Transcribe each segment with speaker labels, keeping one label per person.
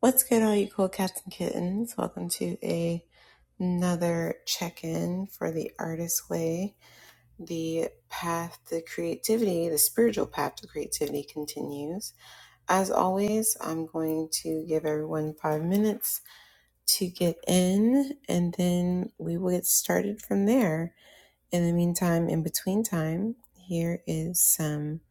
Speaker 1: What's good, all you cool cats and kittens? Welcome to a- another check in for the artist way. The path to creativity, the spiritual path to creativity continues. As always, I'm going to give everyone five minutes to get in, and then we will get started from there. In the meantime, in between time, here is some.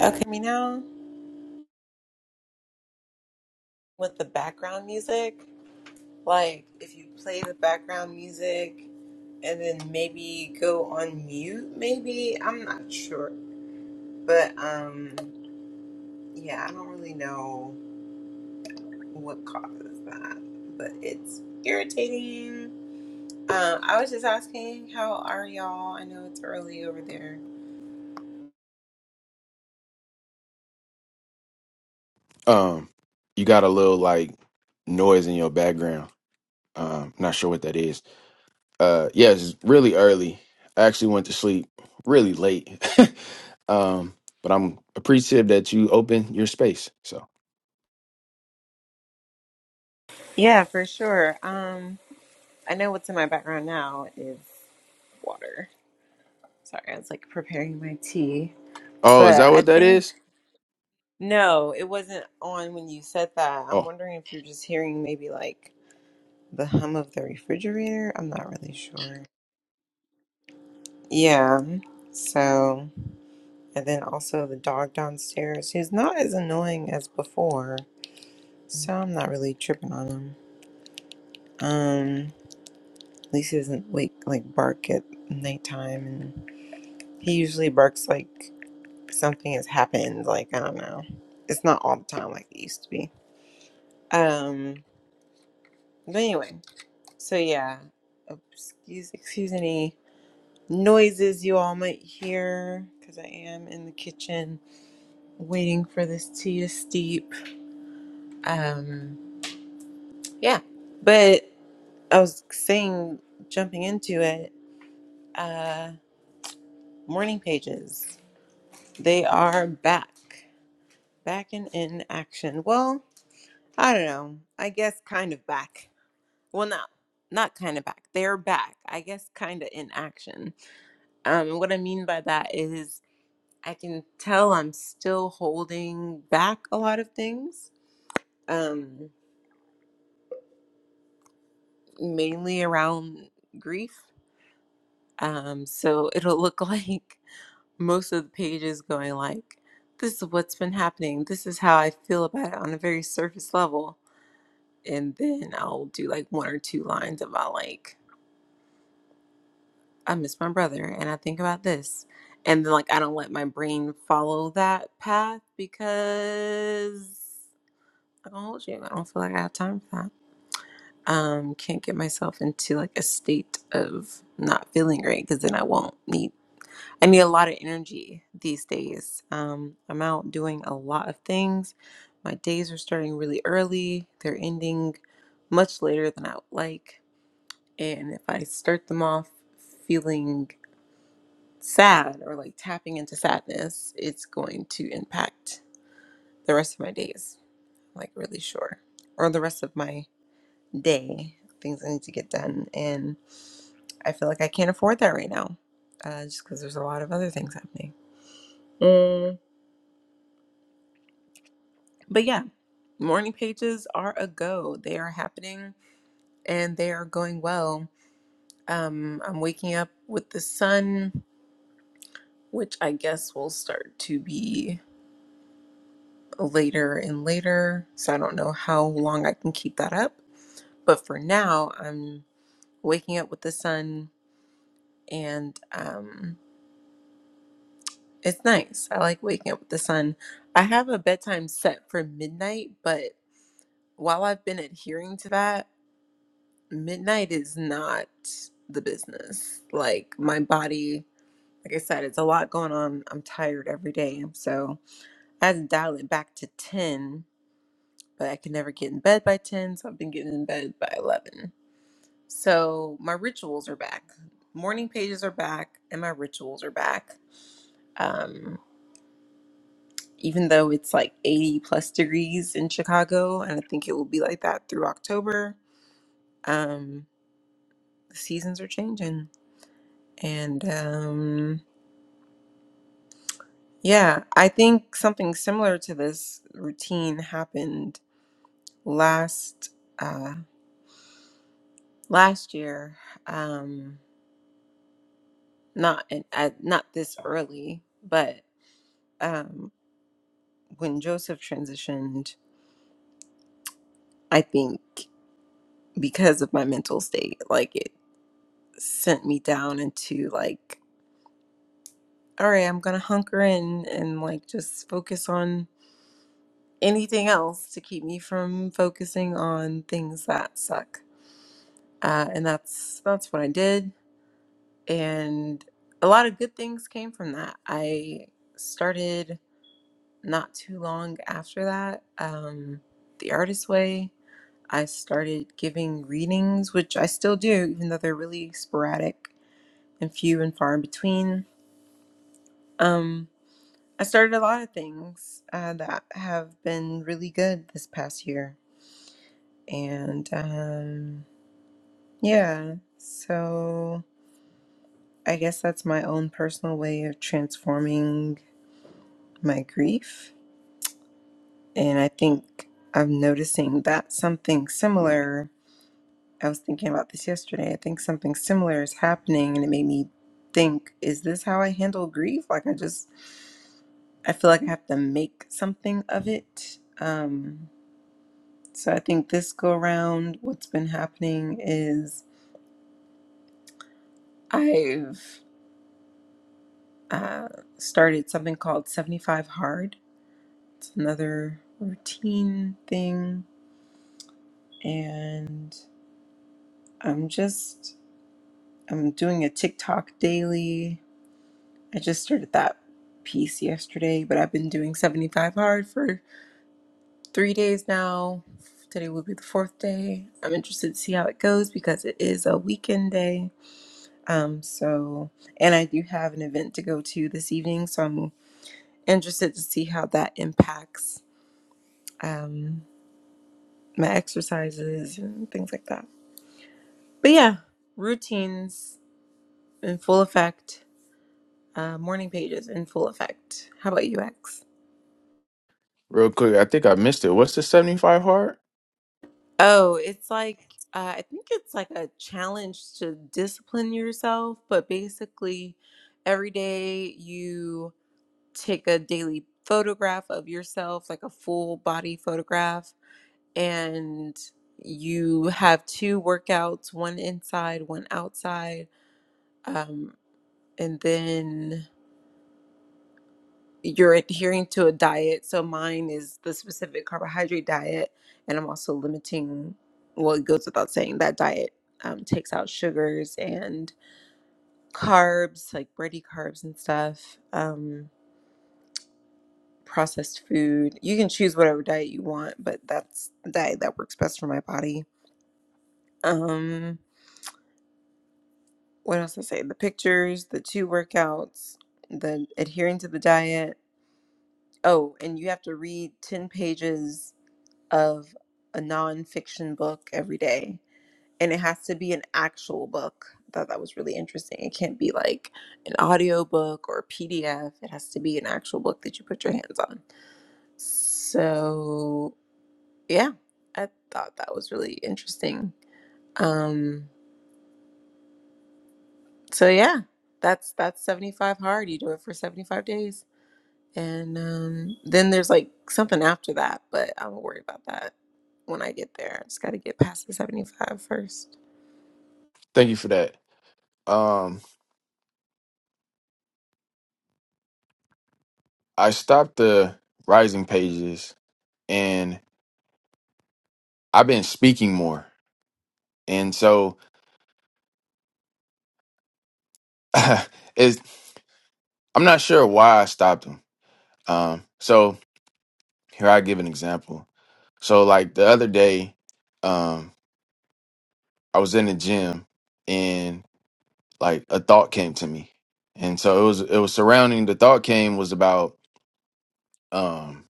Speaker 1: Okay, me now with the background music. Like, if you play the background music, and then maybe go on mute maybe i'm not sure but um yeah i don't really know what causes that but it's irritating um i was just asking how are y'all i know it's early over there
Speaker 2: Um, you got a little like noise in your background. Um, not sure what that is. Uh, yeah, it's really early. I actually went to sleep really late. um, but I'm appreciative that you open your space. So,
Speaker 1: yeah for sure um i know what's in my background now is water sorry i was like preparing my tea
Speaker 2: oh, is
Speaker 1: but
Speaker 2: that
Speaker 1: i
Speaker 2: what that
Speaker 1: think
Speaker 2: is?
Speaker 1: no it wasn't on when you said that i'm
Speaker 2: Oh,
Speaker 1: wondering if you're just hearing maybe like the hum of the refrigerator. I'm not really sure. Yeah. So, and then also the dog downstairs. He's not as annoying as before, so I'm not really tripping on him. Um, at least he doesn't wake like bark at nighttime, and he usually barks like something has happened. Like I don't know. It's not all the time like it used to be. Um, but anyway, so yeah. Excuse, excuse any noises you all might hear because I am in the kitchen waiting for this tea to steep. Um, yeah, but I was saying, jumping into it, uh, morning pages. They are back, back and in action. Well, I don't know. I guess kind of back. Well, no, not kind of back. They're back. I guess kind of in action. Um, what I mean by that is I can tell I'm still holding back a lot of things, um, mainly around grief. Um, so it'll look like most of the pages going like, this is what's been happening. This is how I feel about it on a very surface level. And then I'll do like one or two lines about like, I miss my brother and I think about this. And then like, I don't let my brain follow that path because I don't hold you. I don't feel like I have time for that. um can't get myself into like a state of not feeling great because then i won't need i need a lot of energy these days um i'm out doing a lot of things my days are starting really early they're ending much later than i would like and if i start them off feeling sad or like tapping into sadness it's going to impact the rest of my days like really sure or the rest of my day things i need to get done and. I feel like I can't afford that right now, uh, just because there's a lot of other things happening. Mm. But yeah, morning pages are a go. They are happening and they are going well. Um, I'm waking up with the sun, which I guess will start to be later and later. So I don't know how long I can keep that up. But for now, I'm waking up with the sun and. Um, It's nice. I like waking up with the sun. I have a bedtime set for midnight, but while I've been adhering to that, midnight is not the business. Like my body, like I said, it's a lot going on. I'm tired every day. So I had to dial it back to 10, but I could never get in bed by 10. So I've been getting in bed by 11. So my rituals are back. Morning pages are back, and my rituals are back. Um. even though it's like 80 plus degrees in Chicago, and I think it will be like that through October. Um, the seasons are changing, and um, yeah, I think something similar to this routine happened last uh, last year. Um, not in, at, not this early, but um, when Joseph transitioned, I think because of my mental state, like it sent me down into like all right, I'm gonna hunker in and like just focus on anything else to keep me from focusing on things that suck. Uh, and that's that's what I did, and a lot of good things came from that. I started not too long after that, um, the artist way. I started giving readings, which I still do, even though they're really sporadic and few and far in between. Um, I started a lot of things uh, that have been really good this past year. And um, yeah, so I guess that's my own personal way of transforming my grief. And I think I'm noticing that something similar, I was thinking about this yesterday. I think something similar is happening, and it made me think, is this how I handle grief? Like, I just, I feel like I have to make something of it. Um, So I think this go around, what's been happening is I've uh, started something called 75 Hard. It's another routine thing. And I'm just, I'm doing a TikTok daily. I just started that piece yesterday, but I've been doing 75 Hard for three days now. Today will be the fourth day. I'm interested to see how it goes because it is a weekend day. Um, so, and I do have an event to go to this evening, so I'm interested to see how that impacts um, my exercises and things like that. But yeah, routines in full effect, uh, morning pages in full effect. How about you, UX?
Speaker 2: real quick, I think I missed it. What's the 75 hard?
Speaker 1: Oh, it's like, uh, I think it's like a challenge to discipline yourself, but basically, every day you take a daily photograph of yourself, like a full body photograph and you have two workouts, one inside, one outside. Um, and then you're adhering to a diet. So mine is the specific carbohydrate diet, and I'm also limiting, well, it goes without saying that diet um, takes out sugars and carbs, like bready carbs and stuff. Um, processed food. You can choose whatever diet you want, but that's the diet that works best for my body. Um what else I say? The pictures, the two workouts, the adhering to the diet. Oh, and you have to read 10 pages of a nonfiction book every day. And it has to be an actual book. I thought that was really interesting. It can't be like an audio book or a PDF. It has to be an actual book that you put your hands on. So, yeah, I thought that was really interesting. Um, so yeah, that's that's 75 hard. You do it for 75 days. And um, then there's like something after that, but I won't worry about that when I get there. I just got to get past the seventy-five first.
Speaker 2: Thank you for that. Um, I stopped the rising pages and I've been speaking more, and so it's I'm not sure why I stopped 'em. Um, so here I give an example. So like the other day, um, I was in the gym and like a thought came to me. And so it was it was surrounding the thought came was about um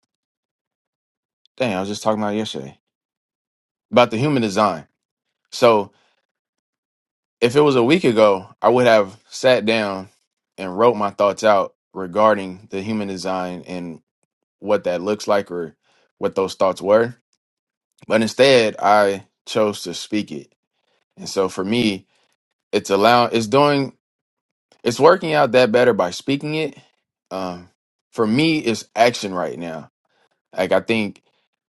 Speaker 2: dang, I was just talking about it yesterday. About the human design. So if it was a week ago, I would have sat down and wrote my thoughts out regarding the human design and what that looks like or what those thoughts were. But instead I chose to speak it And so for me, it's allowing, it's doing, it's working out that better by speaking it. Um, for me, it's action right now. Like I think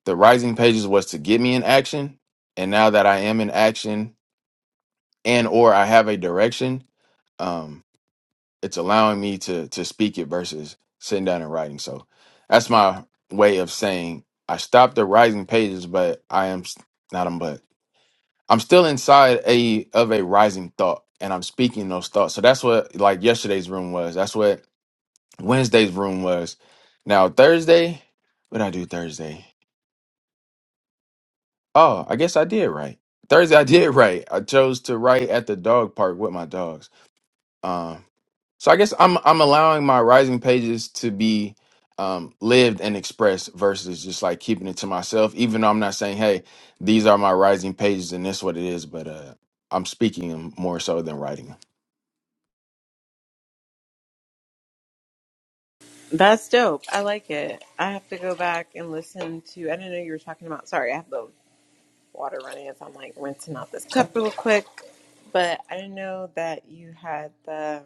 Speaker 2: the rising pages was to get me in action, and now that I am in action and or I have a direction, um, it's allowing me to to speak it versus sitting down and writing. So that's my way of saying I stopped the rising pages, but I am s- not them, but I'm still inside a of a rising thought and I'm speaking those thoughts. So that's what like yesterday's room was. That's what Wednesday's room was. Now Thursday, what did I do Thursday? Oh, I guess I did right. Thursday I did right. I chose to write at the dog park with my dogs. Um so I guess I'm I'm allowing my rising pages to be um lived and expressed versus just like keeping it to myself, even though I'm not saying, hey, these are my rising pages and this what it is, but uh I'm speaking them more so than writing them.
Speaker 1: That's dope. I like it. I have to go back and listen to. I didn't know you were talking about. Sorry, I have the water running, so I'm like rinsing out this cup real quick. But I didn't know that you had the.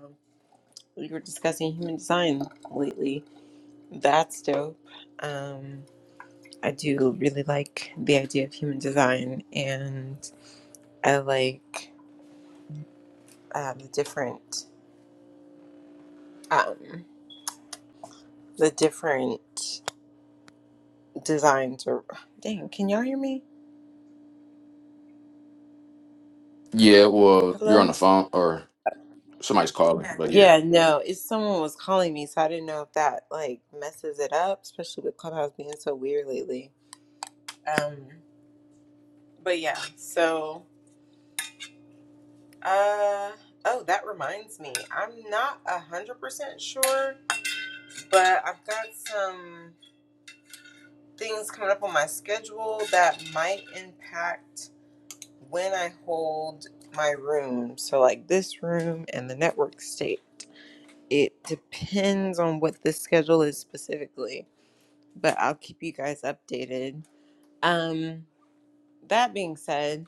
Speaker 1: You were discussing human design lately. That's dope. Um, I do really like the idea of human design, and I like. uh, the different um, the different designs or dang can y'all hear me
Speaker 2: Yeah, well, you're on
Speaker 1: hello
Speaker 2: the phone or somebody's calling, but yeah.
Speaker 1: yeah no it's someone was calling me so i didn't know if that like messes it up especially with clubhouse being so weird lately um but yeah so uh oh that reminds me i'm not a hundred percent sure but i've got some things coming up on my schedule that might impact when I hold my room, so like this room and the network state, it depends on what the schedule is specifically, but I'll keep you guys updated. Um, that being said,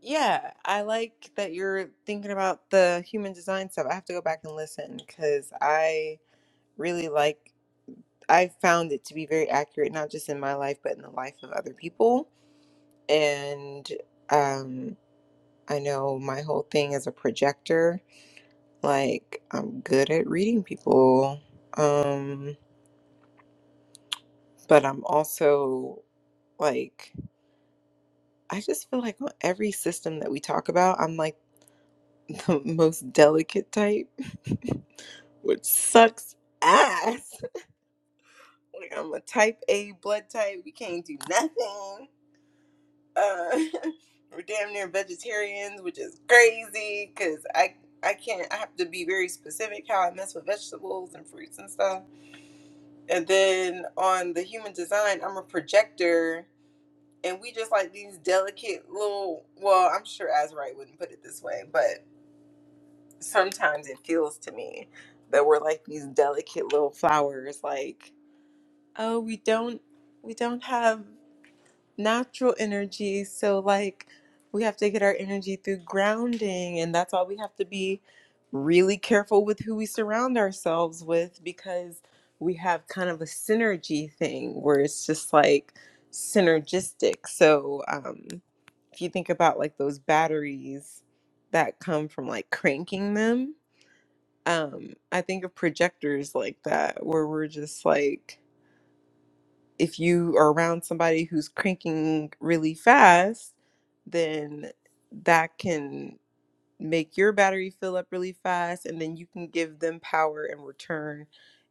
Speaker 1: yeah, I like that you're thinking about the human design stuff. I have to go back and listen because I really like, I found it to be very accurate, not just in my life, but in the life of other people. And, um, I know my whole thing is a projector Like I'm good at reading people. Um but I'm also like I just feel like on every system that we talk about, I'm like the most delicate type, which sucks ass. Like I'm a type A blood type. We can't do nothing. Uh, we're damn near vegetarians, which is crazy because I I can't. I have to be very specific how I mess with vegetables and fruits and stuff And then on the human design, I'm a projector, and we just like these delicate little. Well, I'm sure Azrite wouldn't put it this way, but sometimes it feels to me that we're like these delicate little flowers. Like, oh, we don't, we don't have natural energy. So, like, we have to get our energy through grounding, and that's why we have to be really careful with who we surround ourselves with because we have kind of a synergy thing where it's just like synergistic. So, um, if you think about like those batteries that come from like cranking them, um, I think of projectors like that where we're just like if you are around somebody who's cranking really fast, then that can make your battery fill up really fast and then you can give them power in return.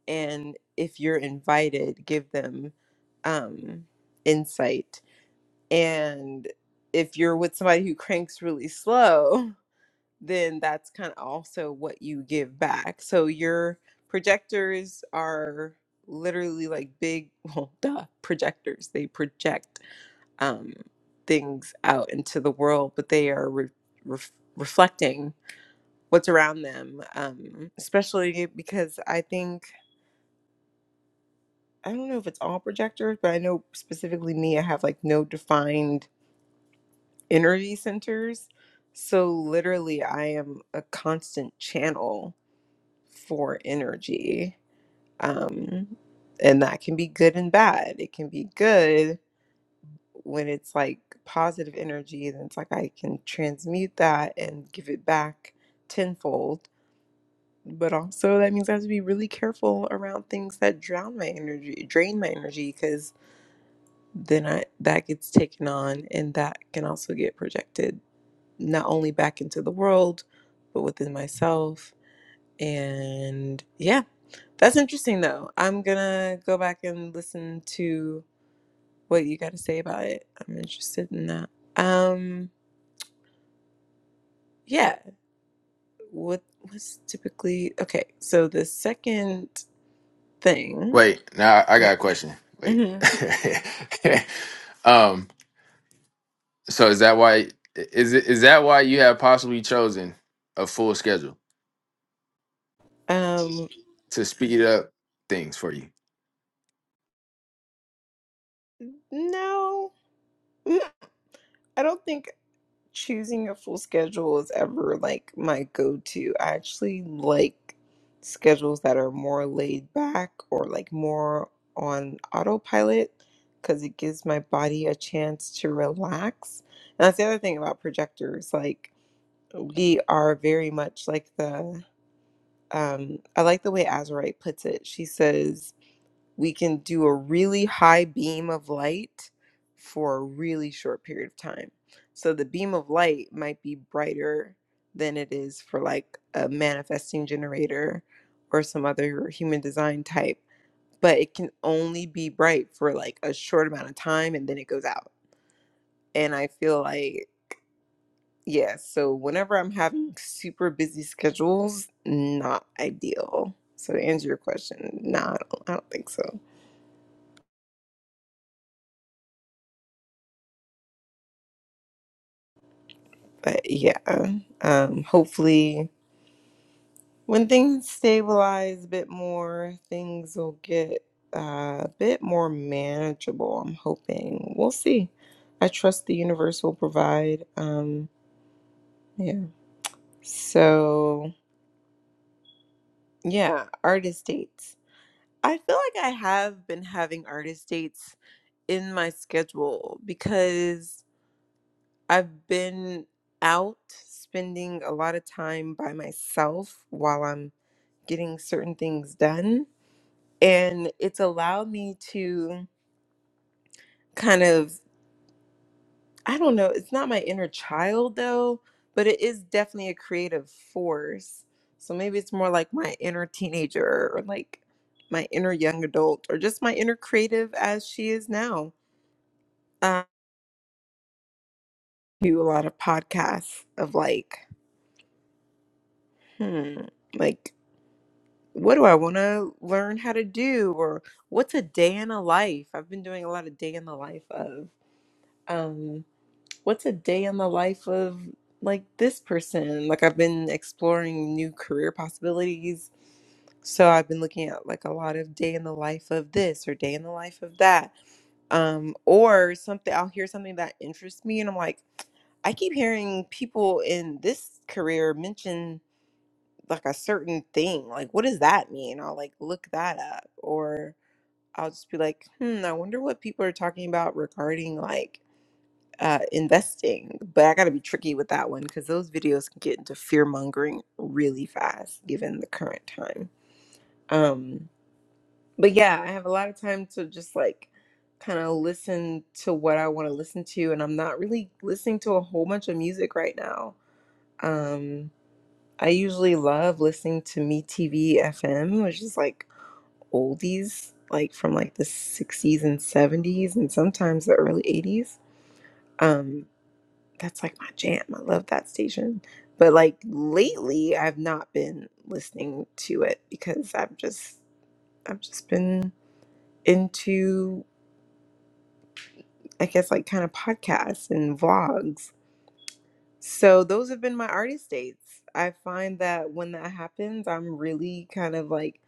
Speaker 1: And if you're invited, give them um, insight. And if you're with somebody who cranks really slow, then that's kind of also what you give back. So your projectors are literally like big, well, duh, projectors. They project um, things out into the world, but they are re- ref reflecting what's around them, um, especially because I think, I don't know if it's all projectors, but I know specifically me, I have like no defined energy centers. So literally, I am a constant channel for energy. Um, and that can be good and bad. It can be good when it's like positive energy, then it's like I can transmute that and give it back tenfold. But also, that means I have to be really careful around things that drown my energy, drain my energy, because then I, that gets taken on and that can also get projected not only back into the world, but within myself And yeah, that's interesting though. I'm gonna go back and listen to what you got to say about it. I'm interested in that. Um, yeah, what was typically okay? So the second thing,
Speaker 2: Wait, now I
Speaker 1: yeah.
Speaker 2: got a question. Wait.
Speaker 1: hmm
Speaker 2: um, so is that why is it is that why you have possibly chosen a full schedule
Speaker 1: Um,
Speaker 2: to speed up things for you?
Speaker 1: no, Mm, I don't think. choosing a full schedule is ever like my go-to. I actually like schedules that are more laid back or like more on autopilot because it gives my body a chance to relax. And that's the other thing about projectors. Like we are very much like the um I like the way Azurite puts it. She says we can do a really high beam of light for a really short period of time. So the beam of light might be brighter than it is for like a manifesting generator or some other human design type, but it can only be bright for like a short amount of time and then it goes out. And I feel like yeah, so whenever I'm having super busy schedules, not ideal. So to answer your question, no, I don't, I don't think so. but yeah um hopefully when things stabilize a bit more things will get uh, a bit more manageable i'm hoping we'll see i trust the universe will provide um yeah so yeah artist dates i feel like i have been having artist dates in my schedule because i've been out spending a lot of time by myself while i'm getting certain things done. And it's allowed me to kind of, I don't know, it's not my inner child though, but it is definitely a creative force. So maybe it's more like my inner teenager or like my inner young adult or just my inner creative as she is now. Um, do a lot of podcasts of like, hmm, like, what do I want to learn how to do? Or what's a day in a life? I've been doing a lot of day in the life of. Um, what's a day in the life of like this person? Like I've been exploring new career possibilities. So I've been looking at like a lot of day in the life of this or day in the life of that. Um, or something I'll hear something that interests me and I'm like, I keep hearing people in this career mention like a certain thing. Like, what does that mean? I'll like look that up, or I'll just be like, hmm, I wonder what people are talking about regarding like uh, investing, but I got to be tricky with that one because those videos can get into fear mongering really fast given the current time. Um, but yeah, I have a lot of time to just like kind of listen to what I want to listen to, and I'm not really listening to a whole bunch of music right now. Um, I usually love listening to Me TV FM, which is like oldies, like from like the 60s and 70s, and sometimes the early 80s. that's like my jam. I love that station. But like lately I've not been listening to it because I've just I've just been into I guess like kind of podcasts and vlogs. So those have been my artist dates. I find that when that happens, I'm really kind of like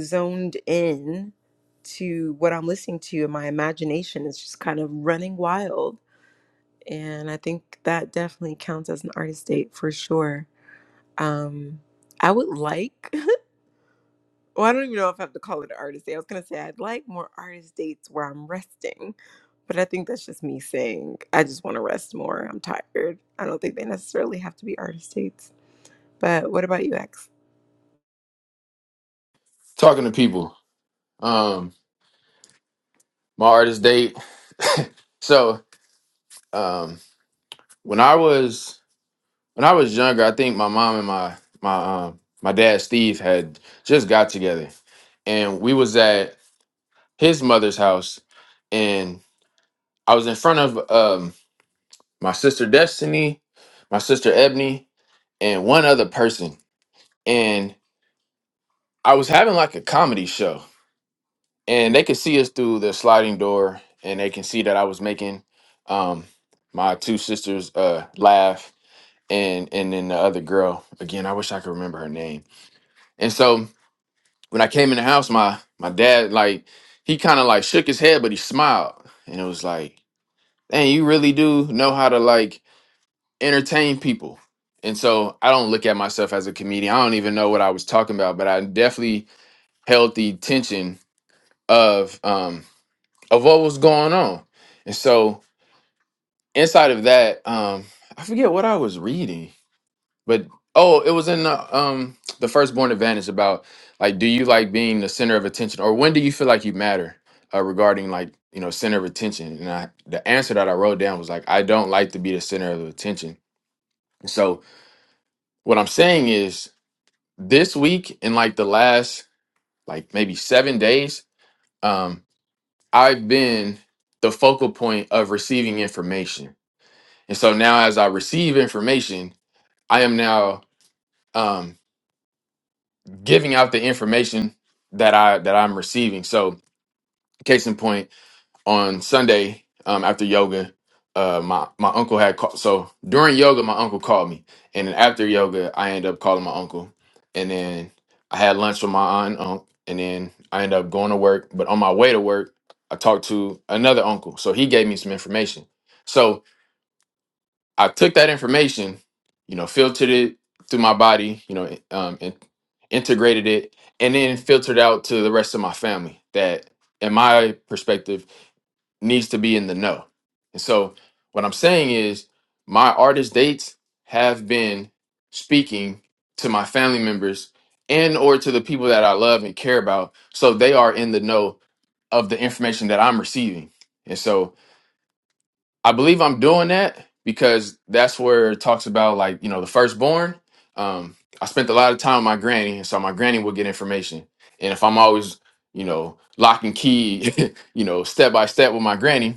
Speaker 1: zoned in to what I'm listening to and my imagination is just kind of running wild. And I think that definitely counts as an artist date for sure. Um, I would like, well, I don't even know if I have to call it an artist day. I was gonna say I'd like more artist dates where I'm resting, but I think that's just me saying I just want to rest more. I'm tired. I don't think they necessarily have to be artist dates. But what about you, X?
Speaker 2: Talking to people. Um, my artist date. so um when I was when I was younger, I think my mom and my my um my dad Steve had just got together. And we was at his mother's house and I was in front of um my sister Destiny, my sister Ebony, and one other person. And I was having like a comedy show and they could see us through the sliding door and they can see that I was making um my two sisters uh laugh and and then the other girl again I wish I could remember her name. And so when I came in the house my my dad like he kind of like shook his head but he smiled and it was like and you really do know how to like entertain people. And so I don't look at myself as a comedian. I don't even know what I was talking about, but I definitely held the tension of um of what was going on. And so inside of that, um, I forget what I was reading, but oh, it was in the um the firstborn advantage about like do you like being the center of attention or when do you feel like you matter uh, regarding like you know center of attention and I, the answer that i wrote down was like i don't like to be the center of attention So what I'm saying is this week in like the last like maybe seven days, um, I've been the focal point of receiving information. And so now as I receive information, I am now um giving out the information that I that I'm receiving. So case in point, on Sunday um, after yoga, uh, my my uncle had called. So during yoga, my uncle called me, and then after yoga, I ended up calling my uncle, and then I had lunch with my aunt and uncle, and then I ended up going to work. But on my way to work, I talked to another uncle, so he gave me some information. So I took that information, you know, filtered it through my body, you know, um, and integrated it, and then filtered out to the rest of my family that, in my perspective needs to be in the know. And so what I'm saying is my artist dates have been speaking to my family members and or to the people that I love and care about so they are in the know of the information that I'm receiving. And so I believe I'm doing that because that's where it talks about like, you know, the firstborn. Um I spent a lot of time with my granny and so my granny would get information. And if I'm always, you know, lock and key, you know, step by step with my granny,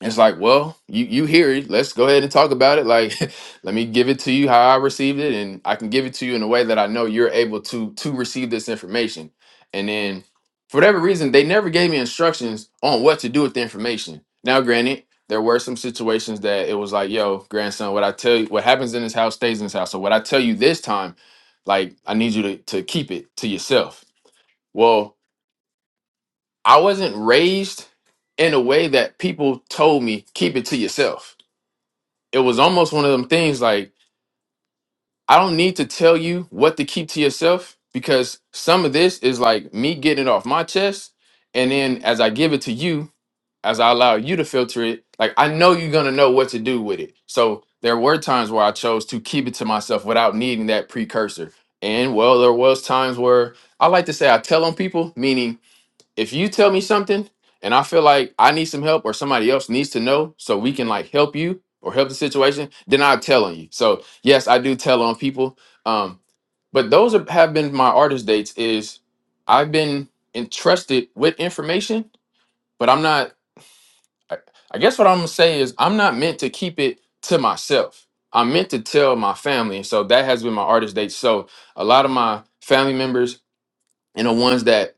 Speaker 2: it's like, well, you you hear it. Let's go ahead and talk about it. Like, let me give it to you how I received it, and I can give it to you in a way that I know you're able to to receive this information. And then, for whatever reason, they never gave me instructions on what to do with the information. Now, granted, there were some situations that it was like, yo, grandson, what I tell you, what happens in this house stays in this house. So what I tell you this time, like, I need you to to keep it to yourself. Well, I wasn't raised in a way that people told me keep it to yourself it was almost one of them things like I don't need to tell you what to keep to yourself because some of this is like me getting it off my chest and then as I give it to you as I allow you to filter it like I know you're going to know what to do with it. So there were times where I chose to keep it to myself without needing that precursor. And well there was times where I like to say I tell on people meaning if you tell me something and I feel like I need some help or somebody else needs to know so we can like help you or help the situation, then I'll tell on you. So yes, I do tell on people. Um, but those are, have been my artist dates is I've been entrusted with information, but I'm not, I, I guess what I'm gonna say is I'm not meant to keep it to myself. I'm meant to tell my family. And so that has been my artist date. So a lot of my family members and the ones that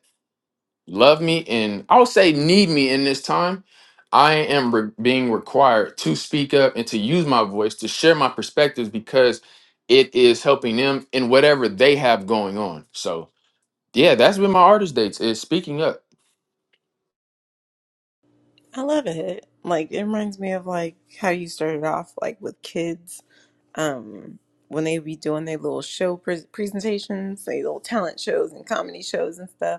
Speaker 2: love me and I'll say need me in this time, I am re- being required to speak up and to use my voice to share my perspectives because it is helping them in whatever they have going on. So yeah, that's been my artist dates is speaking up.
Speaker 1: I love it. Like it reminds me of like how you started off like with kids um when they be doing their little show pres presentations, their little talent shows and comedy shows and stuff.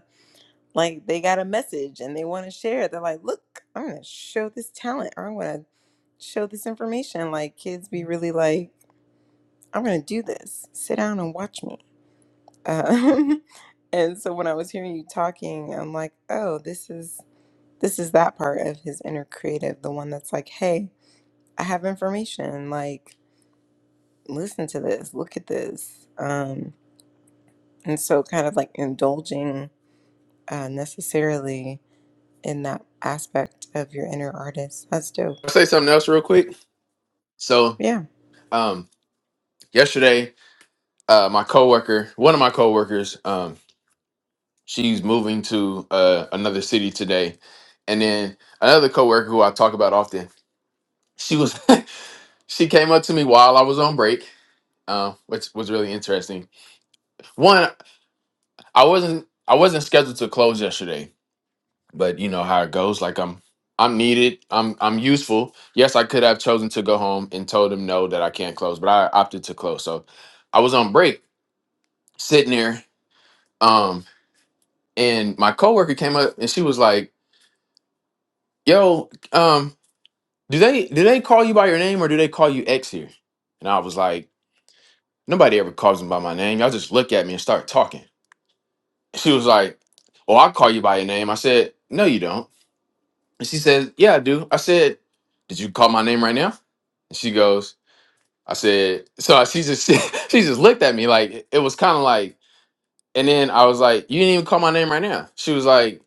Speaker 1: like they got a message and they want to share it. They're like, look, I'm gonna show this talent or I'm gonna show this information. Like kids be really like, I'm gonna do this. Sit down and watch me. Um, and so when I was hearing you talking, I'm like, oh, this is this is that part of his inner creative, the one that's like, hey, I have information. Like, listen to this, look at this. Um, and so kind of like indulging uh, necessarily in that aspect of your inner artist. That's dope.
Speaker 2: I'll say something else real quick. So
Speaker 1: Yeah.
Speaker 2: um yesterday, uh my coworker, one of my coworkers, um, she's moving to uh another city today. And then another coworker who I talk about often, she was She came up to me while I was on break, uh, which was really interesting. One, I wasn't I wasn't scheduled to close yesterday, but you know how it goes. Like I'm I'm needed. I'm I'm useful. Yes, I could have chosen to go home and told them no that I can't close, but I opted to close. So I was on break, sitting there, um, and my coworker came up and she was like, "Yo, um, do they do they call you by your name or do they call you X here?" And I was like, "Nobody ever calls me by my name. Y'all just look at me and start talking." She was like, "Oh, I'll call you by your name." I said, "No, you don't." And she said, "Yeah, I do." I said, "Did you call my name right now?" And she goes, "I said." So I- she just she, just looked at me like it was kind of like. And then I was like, "You didn't even call my name right now." She was like,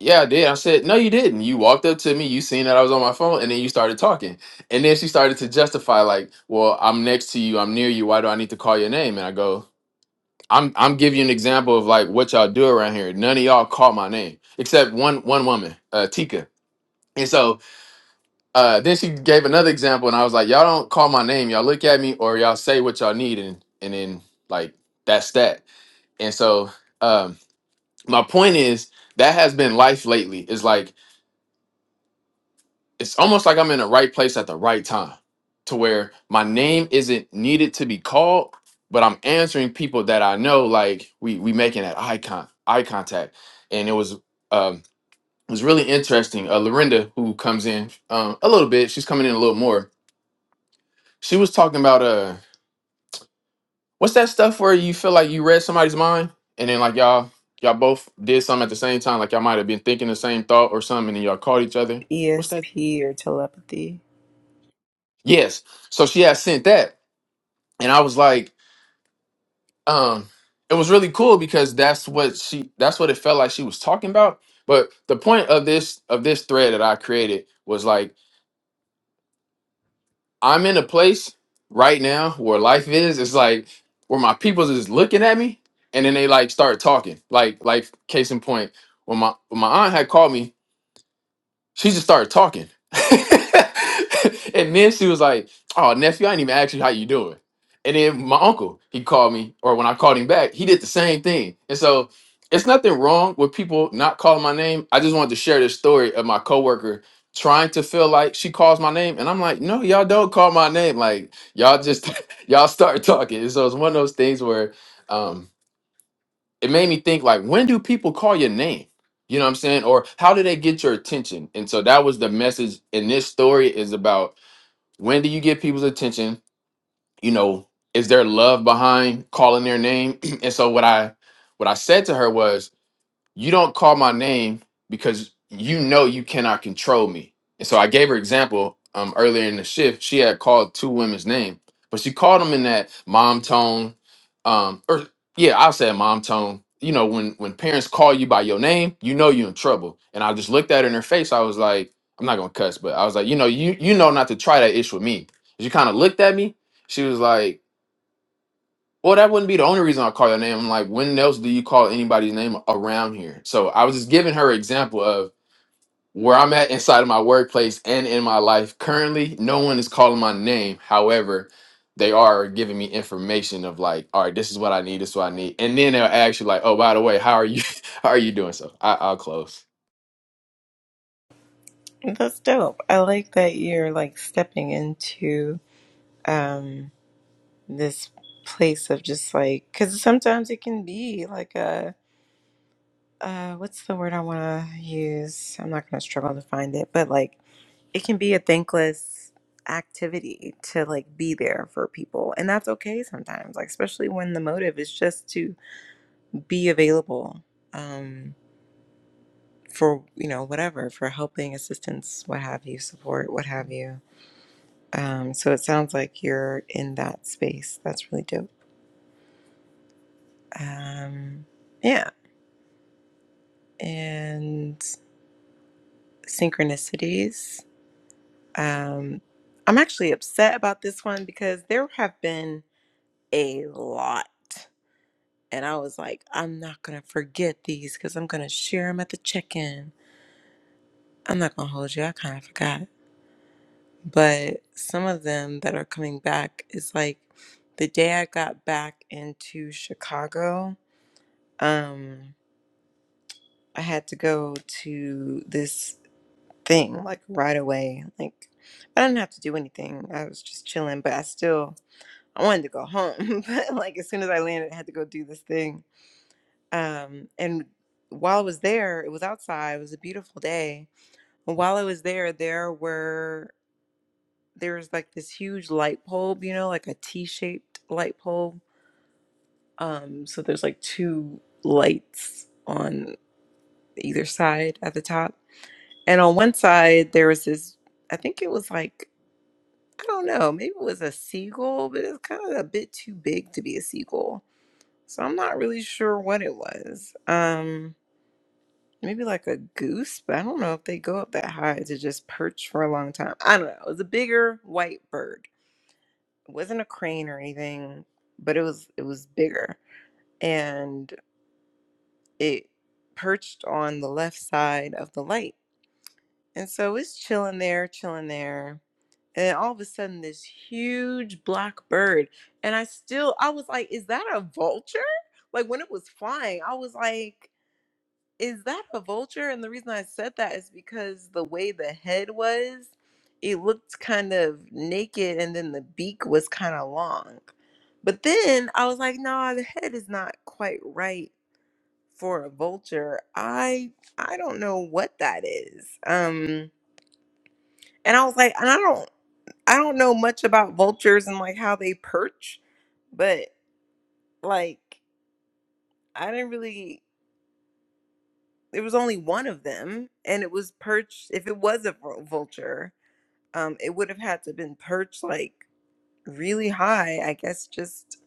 Speaker 2: "Yeah, I did." I said, "No, you didn't. You walked up to me. You seen that I was on my phone, and then you started talking." And then she started to justify like, "Well, I'm next to you. I'm near you. Why do I need to call your name?" And I go, I'm I'm giving you an example of like what y'all do around here. None of y'all call my name except one one woman, uh, Tika. And so uh, then she gave another example, and I was like, y'all don't call my name. Y'all look at me or y'all say what y'all need, and and then like that's that. And so um, my point is that has been life lately. Is like it's almost like I'm in the right place at the right time to where my name isn't needed to be called, but I'm answering people that I know, like we we making that eye con eye contact. And it was um it was really interesting. Uh Lorinda, who comes in um a little bit, she's coming in a little more. She was talking about uh what's that stuff where you feel like you read somebody's mind and then like y'all y'all both did something at the same time, like y'all might have been thinking the same thought or something, and then y'all called each other. What's that?
Speaker 1: ESP or telepathy.
Speaker 2: Yes. So she had sent that. and I was like, um, it was really cool because that's what she that's what it felt like she was talking about. But the point of this of this thread that I created was like I'm in a place right now where life is. It's like where my peoples is looking at me and then they like start talking. Like like case in point, when my when my aunt had called me She just started talking. and then she was like, Oh, nephew, I didn't even ask you how you doing. And then my uncle, he called me, or when I called him back, he did the same thing. And so it's nothing wrong with people not calling my name. I just wanted to share this story of my coworker trying to feel like she calls my name. And I'm like, no, y'all don't call my name. Like y'all just y'all start talking. And so it's one of those things where um it made me think like when do people call your name you know what i'm saying or how do they get your attention and so that was the message in this story is about when do you get people's attention you know is there love behind calling their name and so what i what i said to her was you don't call my name because you know you cannot control me. And so I gave her example um, earlier in the shift. She had called two women's name, but she called them in that mom tone, um, or yeah, I'll say mom tone. You know, when when parents call you by your name, you know you're in trouble. And I just looked at her in her face. I was like, I'm not gonna cuss, but I was like, you know, you you know not to try that ish with me. She kind of looked at me. She was like, well, that wouldn't be the only reason I call your name. I'm like, when else do you call anybody's name around here? So I was just giving her example of where I'm at inside of my workplace and in my life. Currently, no one is calling my name. However, they are giving me information of like, all right, this is what I need, this is what I need. And then they'll ask you like, oh, by the way, how are you how are you doing? So I, I'll close.
Speaker 1: That's dope. I like that you're like stepping into um this place of just like cuz sometimes it can be like a uh what's the word I want to use? I'm not going to struggle to find it, but like it can be a thankless activity to like be there for people and that's okay sometimes like especially when the motive is just to be available Um, for you know whatever for helping assistance what have you support what have you um so it sounds like you're in that space that's really dope um yeah and synchronicities um i'm actually upset about this one because there have been a lot and i was like i'm not gonna forget these because i'm gonna share them at the check-in i'm not gonna hold you i kind of forgot but some of them that are coming back is like the day I got back into Chicago, um, I had to go to this thing like right away. Like I didn't have to do anything. I was just chilling, but I still I wanted to go home. but like as soon as I landed, I had to go do this thing. Um, and while I was there, it was outside. It was a beautiful day. And while I was there, there were there's like this huge light bulb, you know, like a T-shaped light bulb. Um, so there's like two lights on either side at the top. And on one side there was this, I think it was like, I don't know, maybe it was a seagull, but it's kind of a bit too big to be a seagull. So I'm not really sure what it was. Um, maybe like a goose, but I don't know if they go up that high to just perch for a long time. I don't know. It was a bigger white bird it wasn't a crane or anything, but it was it was bigger and it perched on the left side of the light. And so it's chilling there, chilling there. And all of a sudden this huge black bird and I still I was like, is that a vulture? Like when it was flying, I was like is that a vulture? And the reason I said that is because the way the head was, it looked kind of naked and then the beak was kind of long. But then I was like, nah, the head is not quite right for a vulture. I I don't know what that is. Um and I was like, and I don't I don't know much about vultures and like how they perch, but like I didn't really there was only one of them and it was perched if it was a vul- vulture um it would have had to been perched like really high i guess just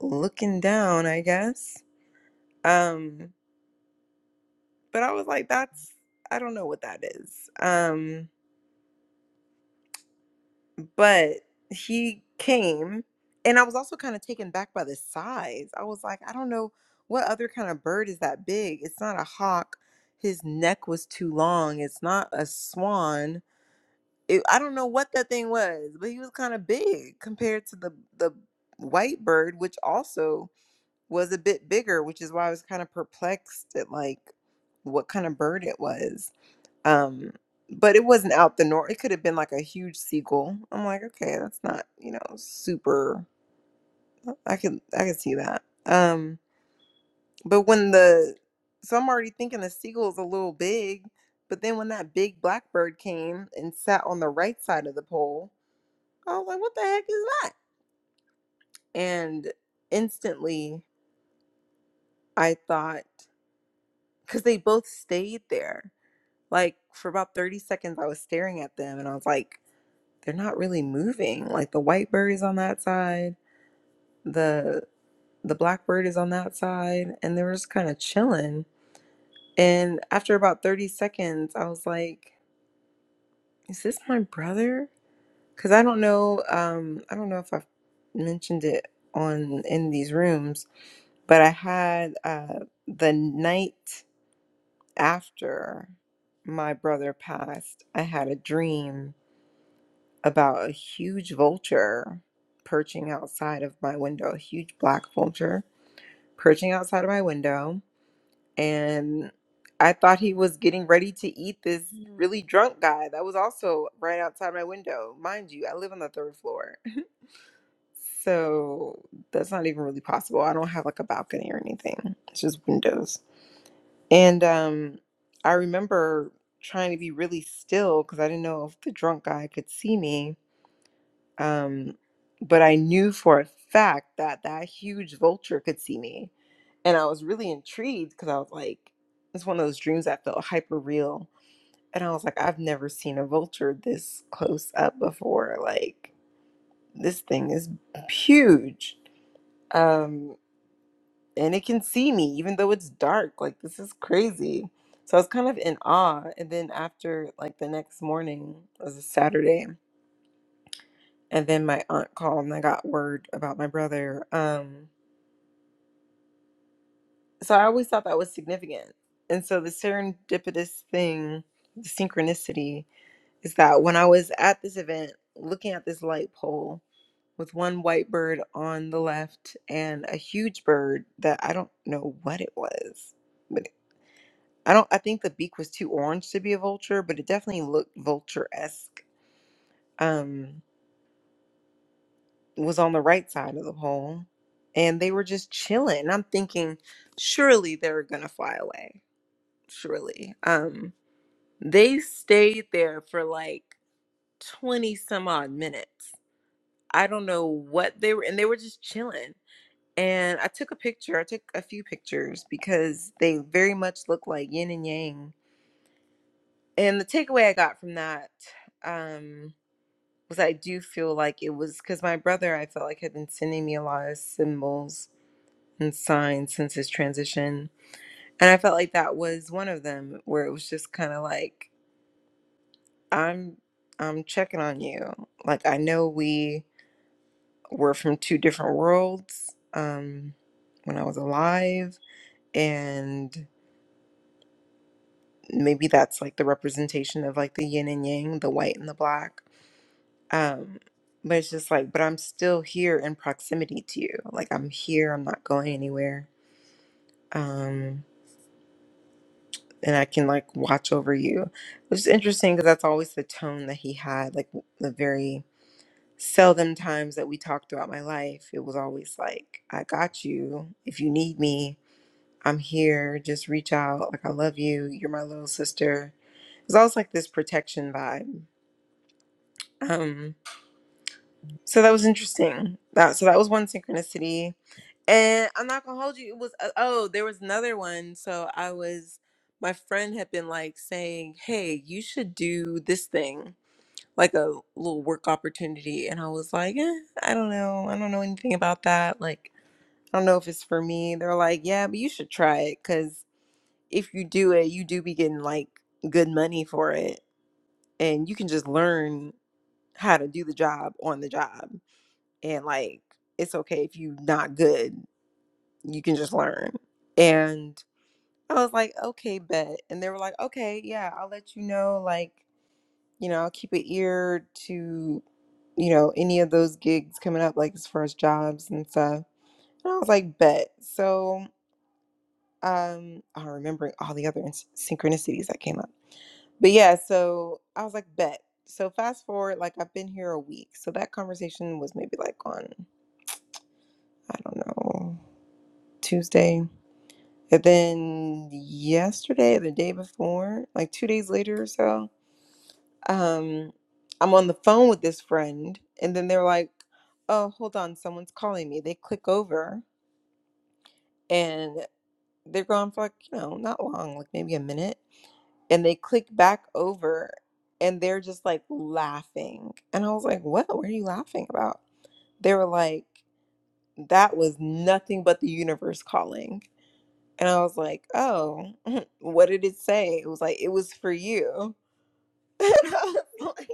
Speaker 1: looking down i guess um but i was like that's i don't know what that is um but he came and i was also kind of taken back by the size i was like i don't know what other kind of bird is that big it's not a hawk his neck was too long it's not a swan it, I don't know what that thing was, but he was kind of big compared to the the white bird, which also was a bit bigger, which is why I was kind of perplexed at like what kind of bird it was. Um, but it wasn't out the norm. It could have been like a huge seagull. I'm like, okay, that's not you know super. I can I can see that. Um, but when the so I'm already thinking the seagull's a little big, but then when that big black bird came and sat on the right side of the pole I was like, what the heck is that? And instantly I thought, because they both stayed there. Like for about 30 seconds, I was staring at them and I was like, they're not really moving. Like the white bird is on that side, the the black bird is on that side, and they were just kind of chilling. And after about 30 seconds, I was like, is this my brother? Because I don't know, um, I don't know if I've mentioned it on in these rooms, But I had uh, the night after my brother passed, I had a dream about a huge vulture perching outside of my window, a huge black vulture perching outside of my window. And I thought he was getting ready to eat this really drunk guy that was also right outside my window. Mind you, I live on the third floor. So that's not even really possible. I don't have like a balcony or anything, it's just windows And um, I remember trying to be really still because I didn't know if the drunk guy could see me. Um, but I knew for a fact that that huge vulture could see me. And I was really intrigued because I was like, it's one of those dreams that felt hyper real. And I was like, I've never seen a vulture this close up before. Like, this thing is huge. Um, and it can see me even though it's dark like this is crazy so i was kind of in awe and then after like the next morning it was a saturday and then my aunt called and i got word about my brother um so i always thought that was significant and so the serendipitous thing the synchronicity is that when i was at this event looking at this light pole with one white bird on the left and a huge bird that i don't know what it was but. I don't. I think the beak was too orange to be a vulture, but it definitely looked vulture esque. Um, it was on the right side of the pole, and they were just chilling. And I'm thinking, surely they're gonna fly away. Surely. Um, they stayed there for like twenty some odd minutes. I don't know what they were, and they were just chilling. And I took a picture. I took a few pictures because they very much look like yin and yang. And the takeaway I got from that. Um, because I do feel like it was because my brother, I felt like had been sending me a lot of symbols and signs since his transition, and I felt like that was one of them where it was just kind of like I'm I'm checking on you. Like I know we were from two different worlds um, when I was alive, and maybe that's like the representation of like the yin and yang, the white and the black Um, but it's just like, but I'm still here in proximity to you. Like I'm here, I'm not going anywhere. Um, and I can like watch over you, which is interesting because that's always the tone that he had. Like the very seldom times that we talked about my life, it was always like, I got you. If you need me, I'm here. Just reach out. Like I love you. You're my little sister. It's always like this protection vibe. Um, So that was interesting. That so that was one synchronicity, and I'm not gonna hold you. It was uh, oh, there was another one. So I was, my friend had been like saying, "Hey, you should do this thing, like a little work opportunity," and I was like, eh, "I don't know. I don't know anything about that. Like, I don't know if it's for me." They're like, "Yeah, but you should try it because if you do it, you do be getting like good money for it, and you can just learn how to do the job on the job." and like it's okay if you are not good you can just learn and i was like okay bet and they were like okay yeah i'll let you know like you know i'll keep an ear to you know any of those gigs coming up like as far as jobs and stuff and i was like bet so um i'm remembering all the other ins- synchronicities that came up but yeah so i was like bet so fast forward like i've been here a week so that conversation was maybe like on i don't know tuesday And then yesterday or the day before, like two days later or so, um, I'm on the phone with this friend, and then they're like, "Oh, hold on, someone's calling me." They click over, and they're gone for like you know not long, like maybe a minute, and they click back over, and they're just like laughing, and I was like, "What? What are you laughing about?" They were like, "That was nothing but the universe calling." And I was like, oh, what did it say? It was like, it was for you. And I was like,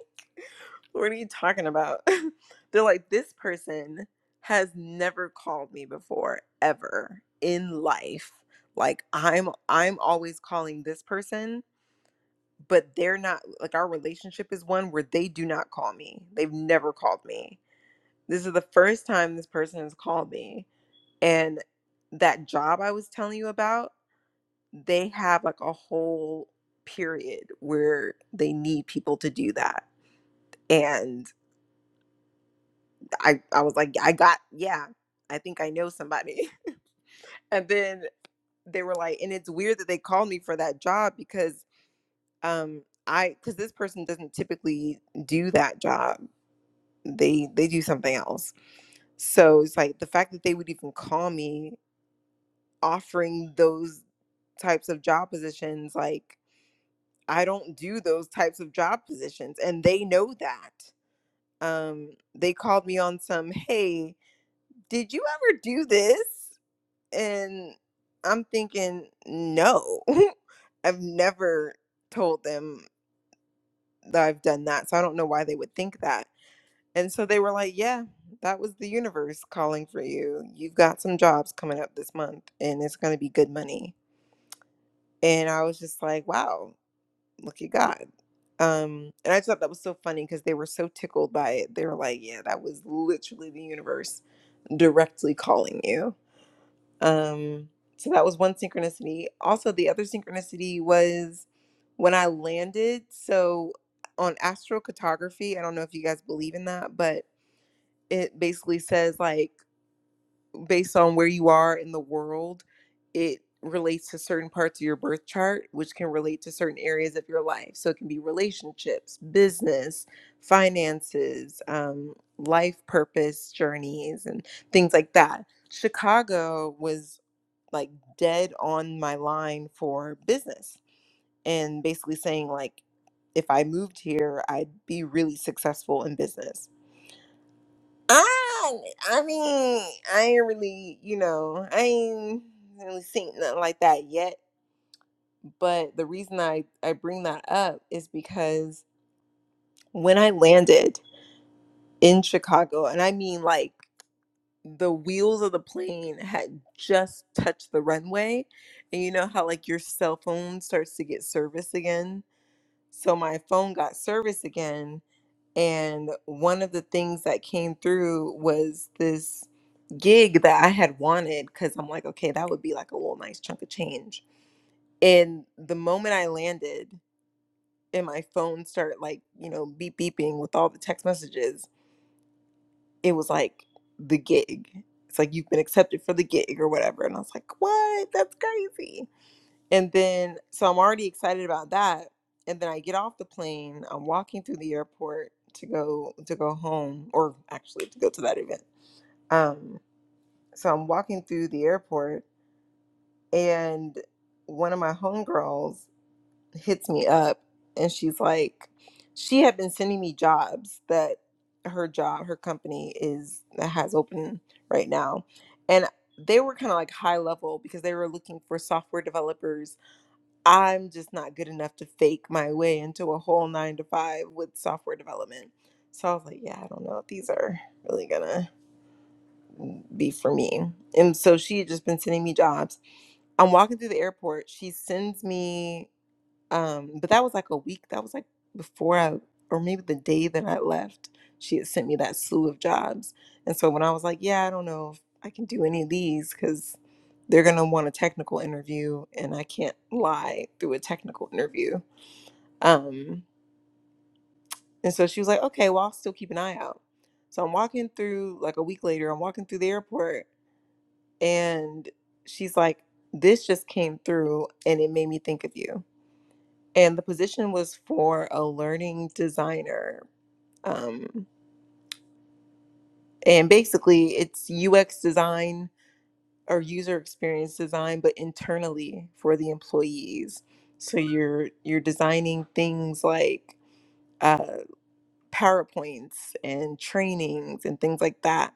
Speaker 1: what are you talking about? They're like, this person has never called me before, ever in life. Like I'm I'm always calling this person, but they're not like our relationship is one where they do not call me. They've never called me. This is the first time this person has called me. And that job I was telling you about, they have like a whole period where they need people to do that. And I, I was like, I got, yeah, I think I know somebody. And then they were like, and it's weird that they called me for that job because um I because this person doesn't typically do that job. They they do something else. So it's like the fact that they would even call me offering those types of job positions, like I don't do those types of job positions. And they know that. Um, they called me on some, hey, did you ever do this? And I'm thinking, no, I've never told them that I've done that. So I don't know why they would think that. And so they were like, yeah, that was the universe calling for you. You've got some jobs coming up this month and it's going to be good money. And I was just like, wow, Look at God. Um, and I just thought that was so funny because they were so tickled by it. They were like, "Yeah, that was literally the universe directly calling you." Um, so that was one synchronicity. Also, the other synchronicity was when I landed. So on astrocartography, I don't know if you guys believe in that, but it basically says like based on where you are in the world, it relates to certain parts of your birth chart, which can relate to certain areas of your life. So it can be relationships, business, finances, um, life purpose journeys, and things like that. Chicago was like dead on my line for business and basically saying, like, if I moved here, I'd be really successful in business I I mean, I ain't really, you know, I ain't really seen nothing like that yet. But the reason I, I bring that up is because when I landed in Chicago, and I mean like the wheels of the plane had just touched the runway, and you know how like your cell phone starts to get service again. So my phone got service again And one of the things that came through was this gig that I had wanted because I'm like, okay, that would be like a little nice chunk of change. And the moment I landed and my phone started like, you know, beep beeping with all the text messages, it was like the gig. It's like you've been accepted for the gig or whatever. And I was like, what? That's crazy and then, so I'm already excited about that. And then I get off the plane. I'm walking through the airport to go to go home, or actually to go to that event. Um, so I'm walking through the airport, and one of my homegirls hits me up, and she's like, she had been sending me jobs that her job, her company is that has open right now, and they were kind of like high level because they were looking for software developers I'm just not good enough to fake my way into a whole nine to five with software development. So I was like, yeah, I don't know if these are really gonna be for me. And so she had just been sending me jobs. I'm walking through the airport. She sends me, um, but that was like a week. That was like before I, or maybe the day that I left, she had sent me that slew of jobs. And so when I was like, yeah, I don't know if I can do any of these because they're gonna want a technical interview and I can't lie through a technical interview um, and so she was like, okay, well, I'll still keep an eye out. So I'm walking through, like a week later, I'm walking through the airport and she's like, this just came through and it made me think of you. And the position was for a learning designer. Um, and basically, it's UX design or user experience design, but internally for the employees. So you're you're designing things like uh. PowerPoints and trainings and things like that.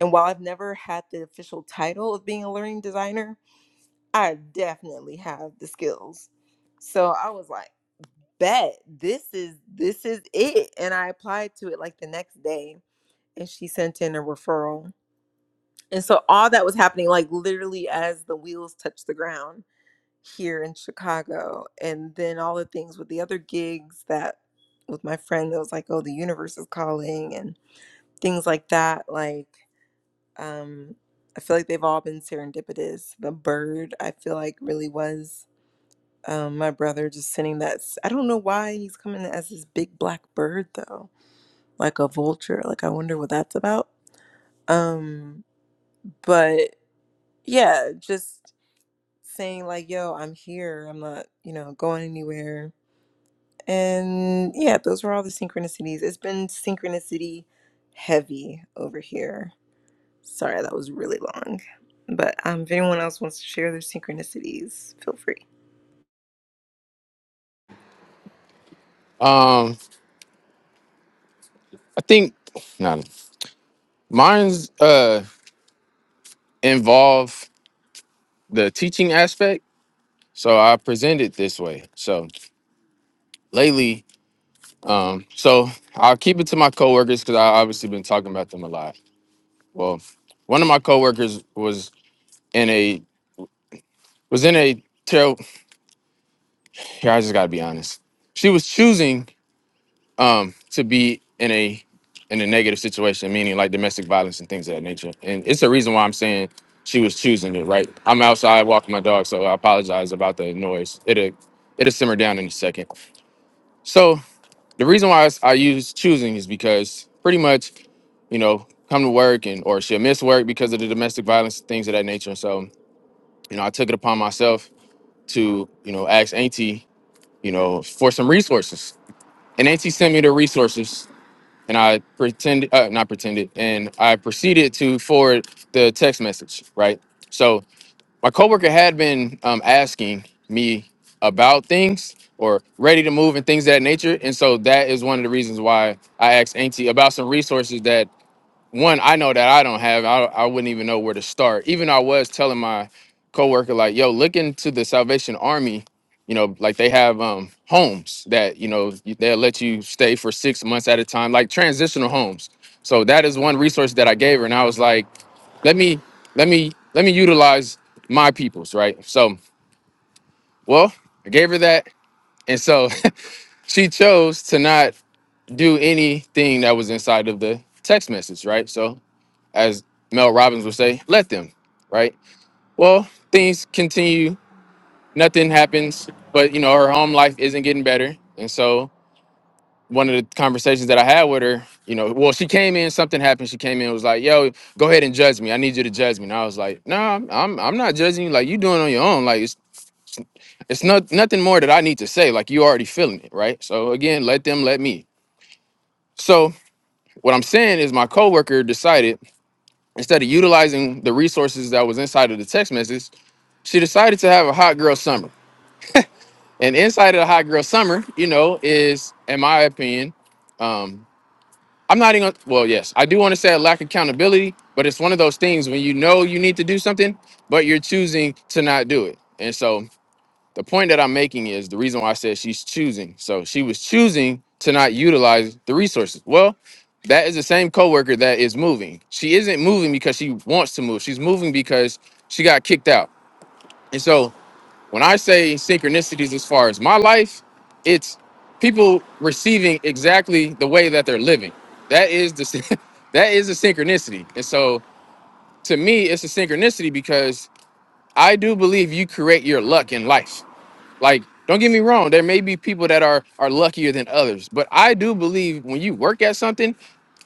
Speaker 1: And while I've never had the official title of being a learning designer, I definitely have the skills. So I was like, bet this is this is it. And I applied to it like the next day and she sent in a referral. And so all that was happening like literally as the wheels touched the ground here in Chicago. And then all the things with the other gigs that with my friend that was like, oh, the universe is calling. and things like that like um i feel like they've all been serendipitous the bird i feel like really was um my brother just sending that s- i don't know why he's coming as this big black bird though like a vulture like i wonder what that's about um but yeah just saying like yo i'm here i'm not you know going anywhere and yeah those were all the synchronicities it's been synchronicity heavy over here Sorry, that was really long. But um, if anyone else wants to share their synchronicities, feel free.
Speaker 2: Um, I think no, no. mine's uh involve the teaching aspect. So I present it this way. So lately Um, so I'll keep it to my coworkers because I obviously been talking about them a lot. Well, one of my coworkers was in a was in a terrible. Here, I just gotta be honest. She was choosing um to be in a in a negative situation, meaning like domestic violence and things of that nature. And it's the reason why I'm saying she was choosing it. Right, I'm outside walking my dog, so I apologize about the noise. It'll it'll simmer down in a second. So the reason why I, s- I use choosing is because pretty much, you know, come to work and or she'll miss work because of the domestic violence things of that nature. And so, you know, I took it upon myself to, you know, ask Auntie, you know, for some resources. And Auntie sent me the resources and I pretended, uh, not pretended, and I proceeded to forward the text message, right? So my coworker had been um, asking me about things or ready to move and things of that nature, and so that is one of the reasons why I asked Auntie about some resources that one, I know that I don't have. I I wouldn't even know where to start. Even I was telling my coworker like, "Yo, look into the Salvation Army. You know, like they have um homes that you know you- they'll let you stay for six months at a time, like transitional homes. So that is one resource that I gave her, and I was like, let me let me let me utilize my peoples, right? So, well, I gave her that, and so she chose to not do anything that was inside of the text message, right? So as Mel Robbins would say, let them, right? Well, things continue, nothing happens, but you know, her home life isn't getting better. And so one of the conversations that I had with her, you know, well, she came in, something happened. She came in, was like, yo, go ahead and judge me. I need you to judge me. And I was like, no, I'm I'm I'm not judging you. Like you doing it on your own. Like it's it's not nothing more that I need to say. Like you already feeling it, right? So again, let them let me. So what I'm saying is my coworker decided instead of utilizing the resources that was inside of the text message, she decided to have a hot girl summer. And inside of the hot girl summer, you know, is, in my opinion, um, I'm not even, well, yes, I do want to say a lack of accountability, but it's one of those things when you know you need to do something, but you're choosing to not do it. And so the point that I'm making is the reason why I said she's choosing. So she was choosing to not utilize the resources. Well, that is the same coworker that is moving. She isn't moving because she wants to move. She's moving because she got kicked out. And so when I say synchronicities as far as my life, it's people receiving exactly the way that they're living. That is the syn- that is a synchronicity. And so to me, it's a synchronicity because I do believe you create your luck in life. Like, don't get me wrong, there may be people that are are luckier than others, but I do believe when you work at something,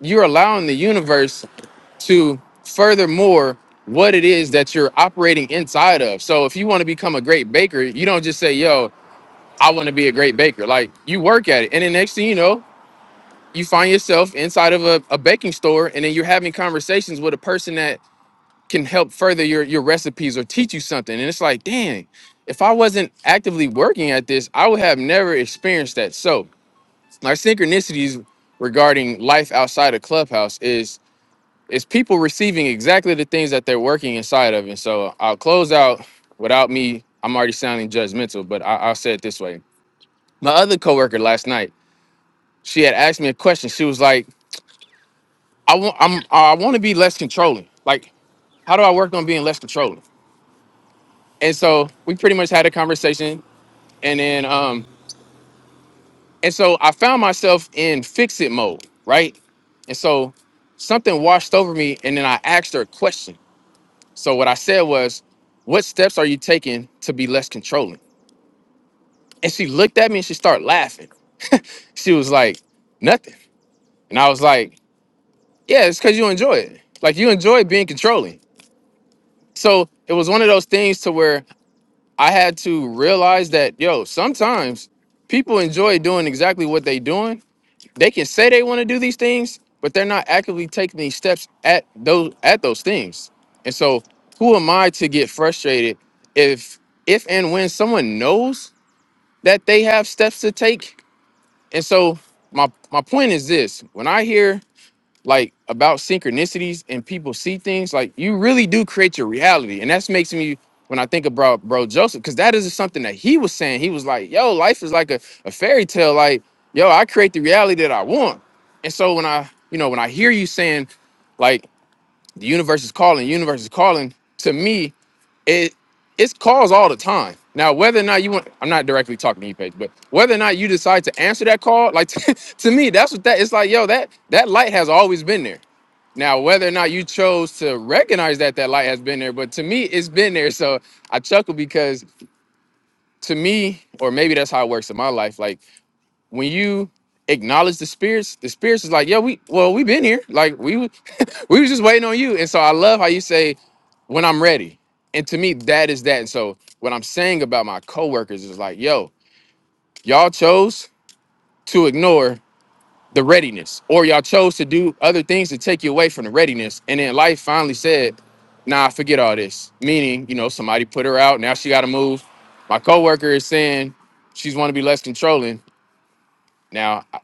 Speaker 2: you're allowing the universe to furthermore what it is that you're operating inside of. So if you want to become a great baker, you don't just say, "Yo, I want to be a great baker. Like you work at it, and the next thing you know, you find yourself inside of a, a baking store, and then you're having conversations with a person that can help further your your recipes or teach you something. And it's like, dang, if I wasn't actively working at this, I would have never experienced that. So my synchronicities regarding life outside of Clubhouse is is people receiving exactly the things that they're working inside of. And so I'll close out without me. I'm already sounding judgmental, but I, I'll say it this way. My other coworker last night she had asked me a question. She was like, "I want, I'm, I want to be less controlling. Like, how do I work on being less controlling?" And so we pretty much had a conversation, and then, um, and so I found myself in fix it mode, right? And so something washed over me, and then I asked her a question. So what I said was, "What steps are you taking to be less controlling?" And she looked at me and she started laughing. She was like, "Nothing," and I was like, "Yeah, it's because you enjoy it. Like you enjoy being controlling." So it was one of those things to where I had to realize that yo, sometimes people enjoy doing exactly what they doing. They can say they want to do these things, but they're not actively taking these steps at those at those things. And so who am I to get frustrated if if and when someone knows that they have steps to take? And so my my point is this when I hear like about synchronicities and people see things like you really do create your reality and that's makes me when i think about bro joseph because that is something that he was saying he was like yo life is like a, a fairy tale like yo i create the reality that i want and so when i you know when i hear you saying like the universe is calling universe is calling to me it it's calls all the time now whether or not you want i'm not directly talking to you page but whether or not you decide to answer that call like to, me that's what that it's like yo that that light has always been there now, whether or not you chose to recognize that that light has been there, but to me, it's been there. So I chuckle because to me, or maybe that's how it works in my life. Like when you acknowledge the spirits, the spirits is like, yeah, we well, we've been here. Like we was- we was just waiting on you. And so I love how you say, when I'm ready. And to me, that is that. And so what I'm saying about my coworkers is like, yo, y'all chose to ignore the readiness, or y'all chose to do other things to take you away from the readiness. And then life finally said, "Nah, forget all this." Meaning, you know, somebody put her out. Now she got to move. My coworker is saying she's want to be less controlling. Now I,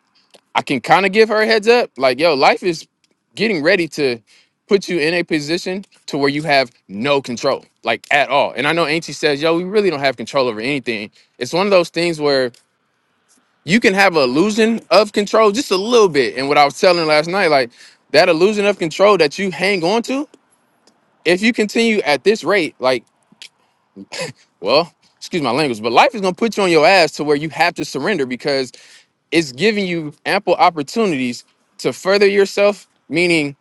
Speaker 2: I can kind of give her a heads up, like, "Yo, life is getting ready to." Put you in a position to where you have no control, like at all. And I know Auntie says, "Yo, we really don't have control over anything." It's one of those things where you can have an illusion of control just a little bit. And what I was telling last night, like that illusion of control that you hang on to, if you continue at this rate, like, well, excuse my language, but life is gonna put you on your ass to where you have to surrender because it's giving you ample opportunities to further yourself, meaning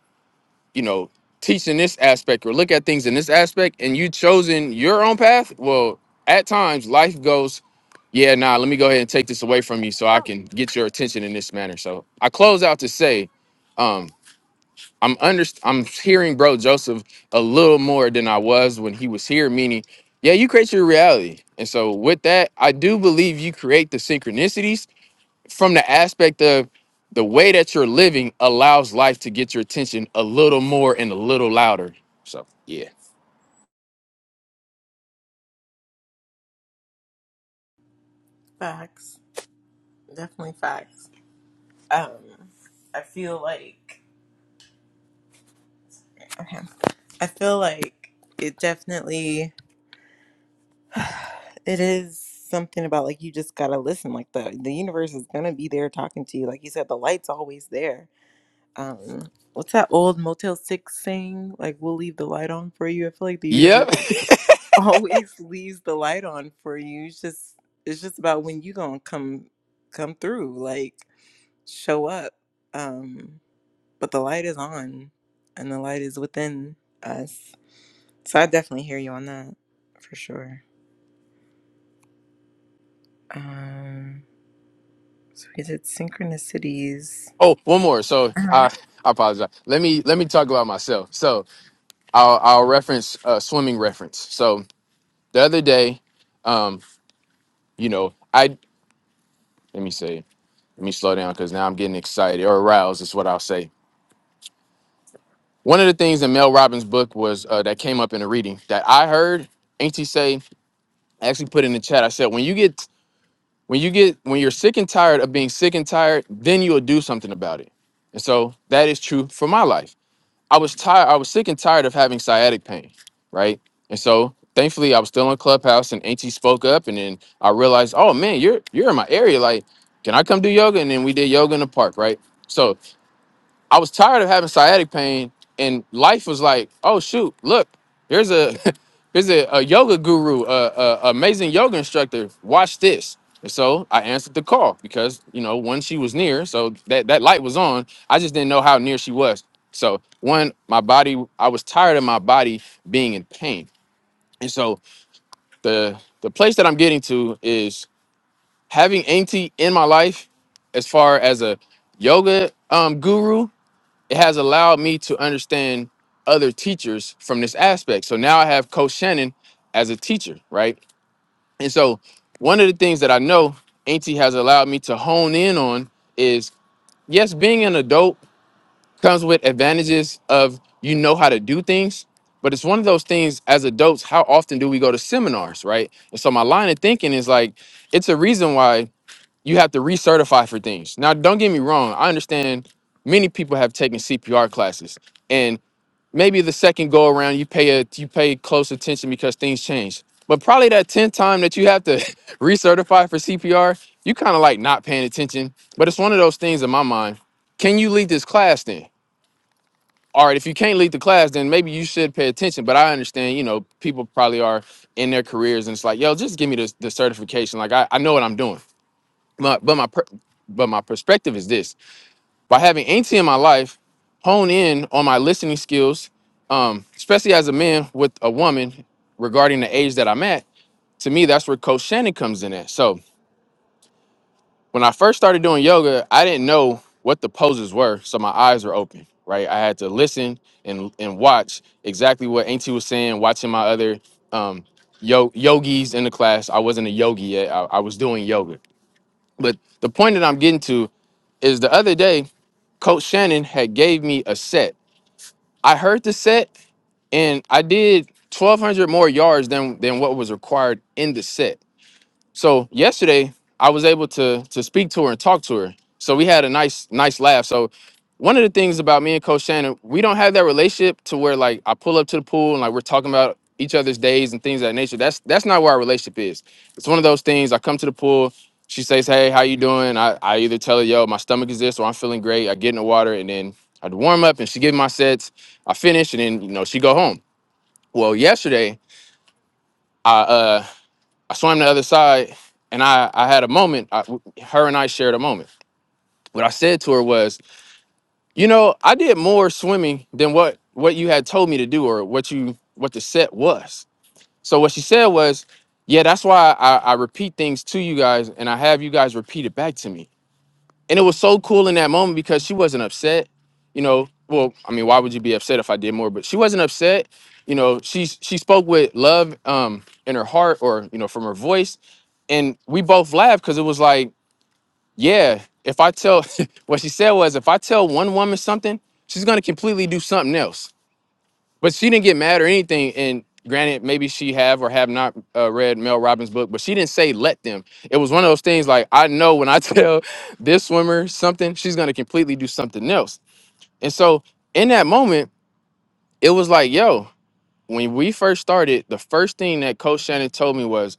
Speaker 2: you know, teaching this aspect or look at things in this aspect and you chosen your own path, well, at times life goes, yeah, nah, let me go ahead and take this away from you so I can get your attention in this manner. So I close out to say, um, I'm under I'm hearing bro Joseph a little more than I was when he was here, meaning, yeah, you create your reality. And so with that, I do believe you create the synchronicities from the aspect of the way that you're living allows life to get your attention a little more and a little louder. So yeah.
Speaker 1: Facts. Definitely facts. Um, I feel like okay. I feel like it definitely it is something about like you just gotta listen. Like the the universe is gonna be there talking to you. Like you said, the light's always there. Um, what's that old Motel Six saying? Like we'll leave the light on for you. I feel like the
Speaker 2: Yep.
Speaker 1: universe. always leaves the light on for you. It's just it's just about when you gonna come come through, like show up. Um, but the light is on, and the light is within us. So I definitely hear you on that for sure. Um, so we did synchronicities.
Speaker 2: Oh, one more. So
Speaker 1: Uh-huh.
Speaker 2: I I apologize. Let me let me talk about myself. So I'll I'll reference uh, swimming reference. So the other day, um, you know, I let me say, let me slow down because now I'm getting excited or aroused is what I'll say. One of the things in Mel Robbins' book was uh, that came up in a reading that I heard Auntie say, I actually put in the chat. I said, when you get When you get when you're sick and tired of being sick and tired, then you'll do something about it. And so that is true for my life. I was tired, I was sick and tired of having sciatic pain, right? And so thankfully I was still in Clubhouse and Auntie spoke up and then I realized, oh man, you're you're in my area. Like, can I come do yoga? And then we did yoga in the park, right? So. I was tired of having sciatic pain, and life was like, oh shoot, look, here's a here's a, a yoga guru, a, a amazing yoga instructor. Watch this. And so I answered the call because you know one she was near, so that that light was on. I just didn't know how near she was. So one, my body, I was tired of my body being in pain, and so the the place that I'm getting to is having Auntie in my life as far as a yoga um, guru it has allowed me to understand other teachers from this aspect. So now I have Coach Shannon as a teacher, right? And so one of the things that I know Auntie has allowed me to hone in on is yes, being an adult comes with advantages of you know how to do things, but it's one of those things as adults, how often do we go to seminars, right? And so my line of thinking is like, it's a reason why you have to recertify for things. Now, don't get me wrong. I understand many people have taken CPR classes, and maybe the second go around you pay a you pay close attention because things change. But probably that tenth time that you have to recertify for CPR, you kind of like not paying attention. But it's one of those things in my mind. Can you lead this class then? All right, if you can't lead the class, then maybe you should pay attention. But I understand, you know, people probably are in their careers and it's like, yo, just give me the the certification. Like I, I know what I'm doing my but my per, but my perspective is this: by having Auntie in my life, hone in on my listening skills, um, especially as a man with a woman regarding the age that I'm at. To me, that's where Coach Shannon comes in at. So when I first started doing yoga, I didn't know what the poses were, so my eyes were open. Right, I had to listen and and watch exactly what Auntie was saying, watching my other um, yo- yogis in the class. I wasn't a yogi yet; I I was doing yoga. But the point that I'm getting to is the other day Coach Shannon had gave me a set. I heard the set and I did 1200 more yards than than what was required in the set. So yesterday I was able to to speak to her and talk to her. So we had a nice nice laugh. So one of the things about me and Coach Shannon, we don't have that relationship to where like I pull up to the pool and like we're talking about each other's days and things of that nature. That's that's not where our relationship is. It's one of those things. I come to the pool, she says, "Hey, how you doing?" I I either tell her, "Yo, my stomach is this," or "I'm feeling great." I get in the water and then I would warm up and she give me my sets. I finish and then you know she go home. Well, yesterday. I uh. I swam the other side and I, I had a moment. I, her and I shared a moment. What I said to her was, you know, I did more swimming than what what you had told me to do or what you what the set was. So what she said was, yeah, that's why I, I repeat things to you guys and I have you guys repeat it back to me and it was so cool in that moment because she wasn't upset you know well i mean why would you be upset if i did more but she wasn't upset you know she she spoke with love um in her heart or you know from her voice and we both laughed because it was like yeah if i tell what she said was if i tell one woman something she's going to completely do something else but she didn't get mad or anything. And granted, maybe she have or have not uh, read Mel Robbins' book, but she didn't say let them. It was one of those things like I know when I tell this swimmer something, she's gonna completely do something else. And so in that moment, it was like, yo, when we first started, the first thing that Coach Shannon told me was,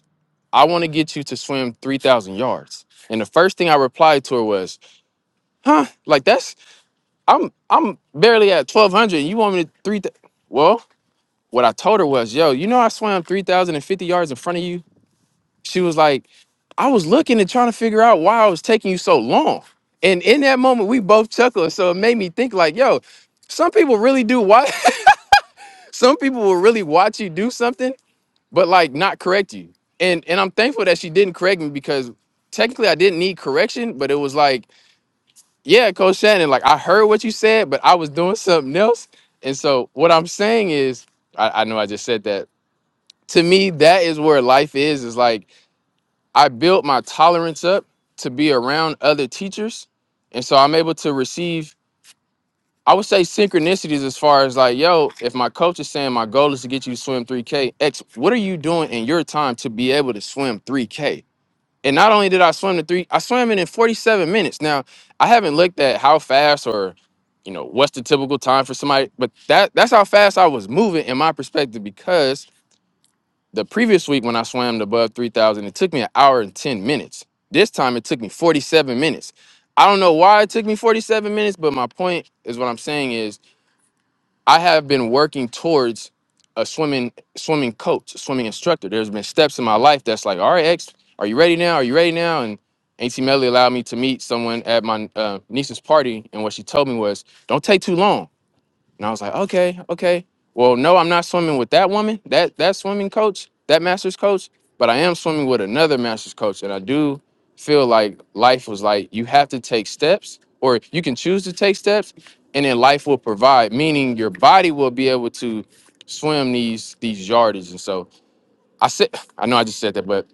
Speaker 2: I want to get you to swim three thousand yards. And the first thing I replied to her was, huh, like that's I'm I'm barely at twelve hundred, and you want me to three? well, What I told her was, yo, you know, I swam 3,050 yards in front of you. She was like, I was looking and trying to figure out why I was taking you so long. And in that moment, we both chuckled. So it made me think, like, yo, some people really do watch, some people will really watch you do something, but like not correct you. And and I'm thankful that she didn't correct me because technically I didn't need correction, but it was like, yeah, Coach Shannon, like I heard what you said, but I was doing something else. And so what I'm saying is, I, I know I just said that, to me that is where life is is like i built my tolerance up to be around other teachers and so i'm able to receive i would say synchronicities as far as like yo if my coach is saying my goal is to get you to swim 3k x what are you doing in your time to be able to swim 3k and not only did i swim the three i swam it in 47 minutes now i haven't looked at how fast or you know what's the typical time for somebody but that that's how fast i was moving in my perspective because the previous week when I swam above 3,000, it took me an hour and 10 minutes. This time it took me 47 minutes. I don't know why it took me 47 minutes, but my point is what I'm saying is I have been working towards a swimming swimming coach, a swimming instructor. There's been steps in my life that's like, all right, X, are you ready now? Are you ready now? And Auntie Melly allowed me to meet someone at my uh, niece's party, and what she told me was, don't take too long. And I was like, okay, okay. Well, no, I'm not swimming with that woman, that that swimming coach, that master's coach, but I am swimming with another master's coach. And I do feel like life was like you have to take steps, or you can choose to take steps, and then life will provide, meaning your body will be able to swim these these yardages. And so I said, I know I just said that, but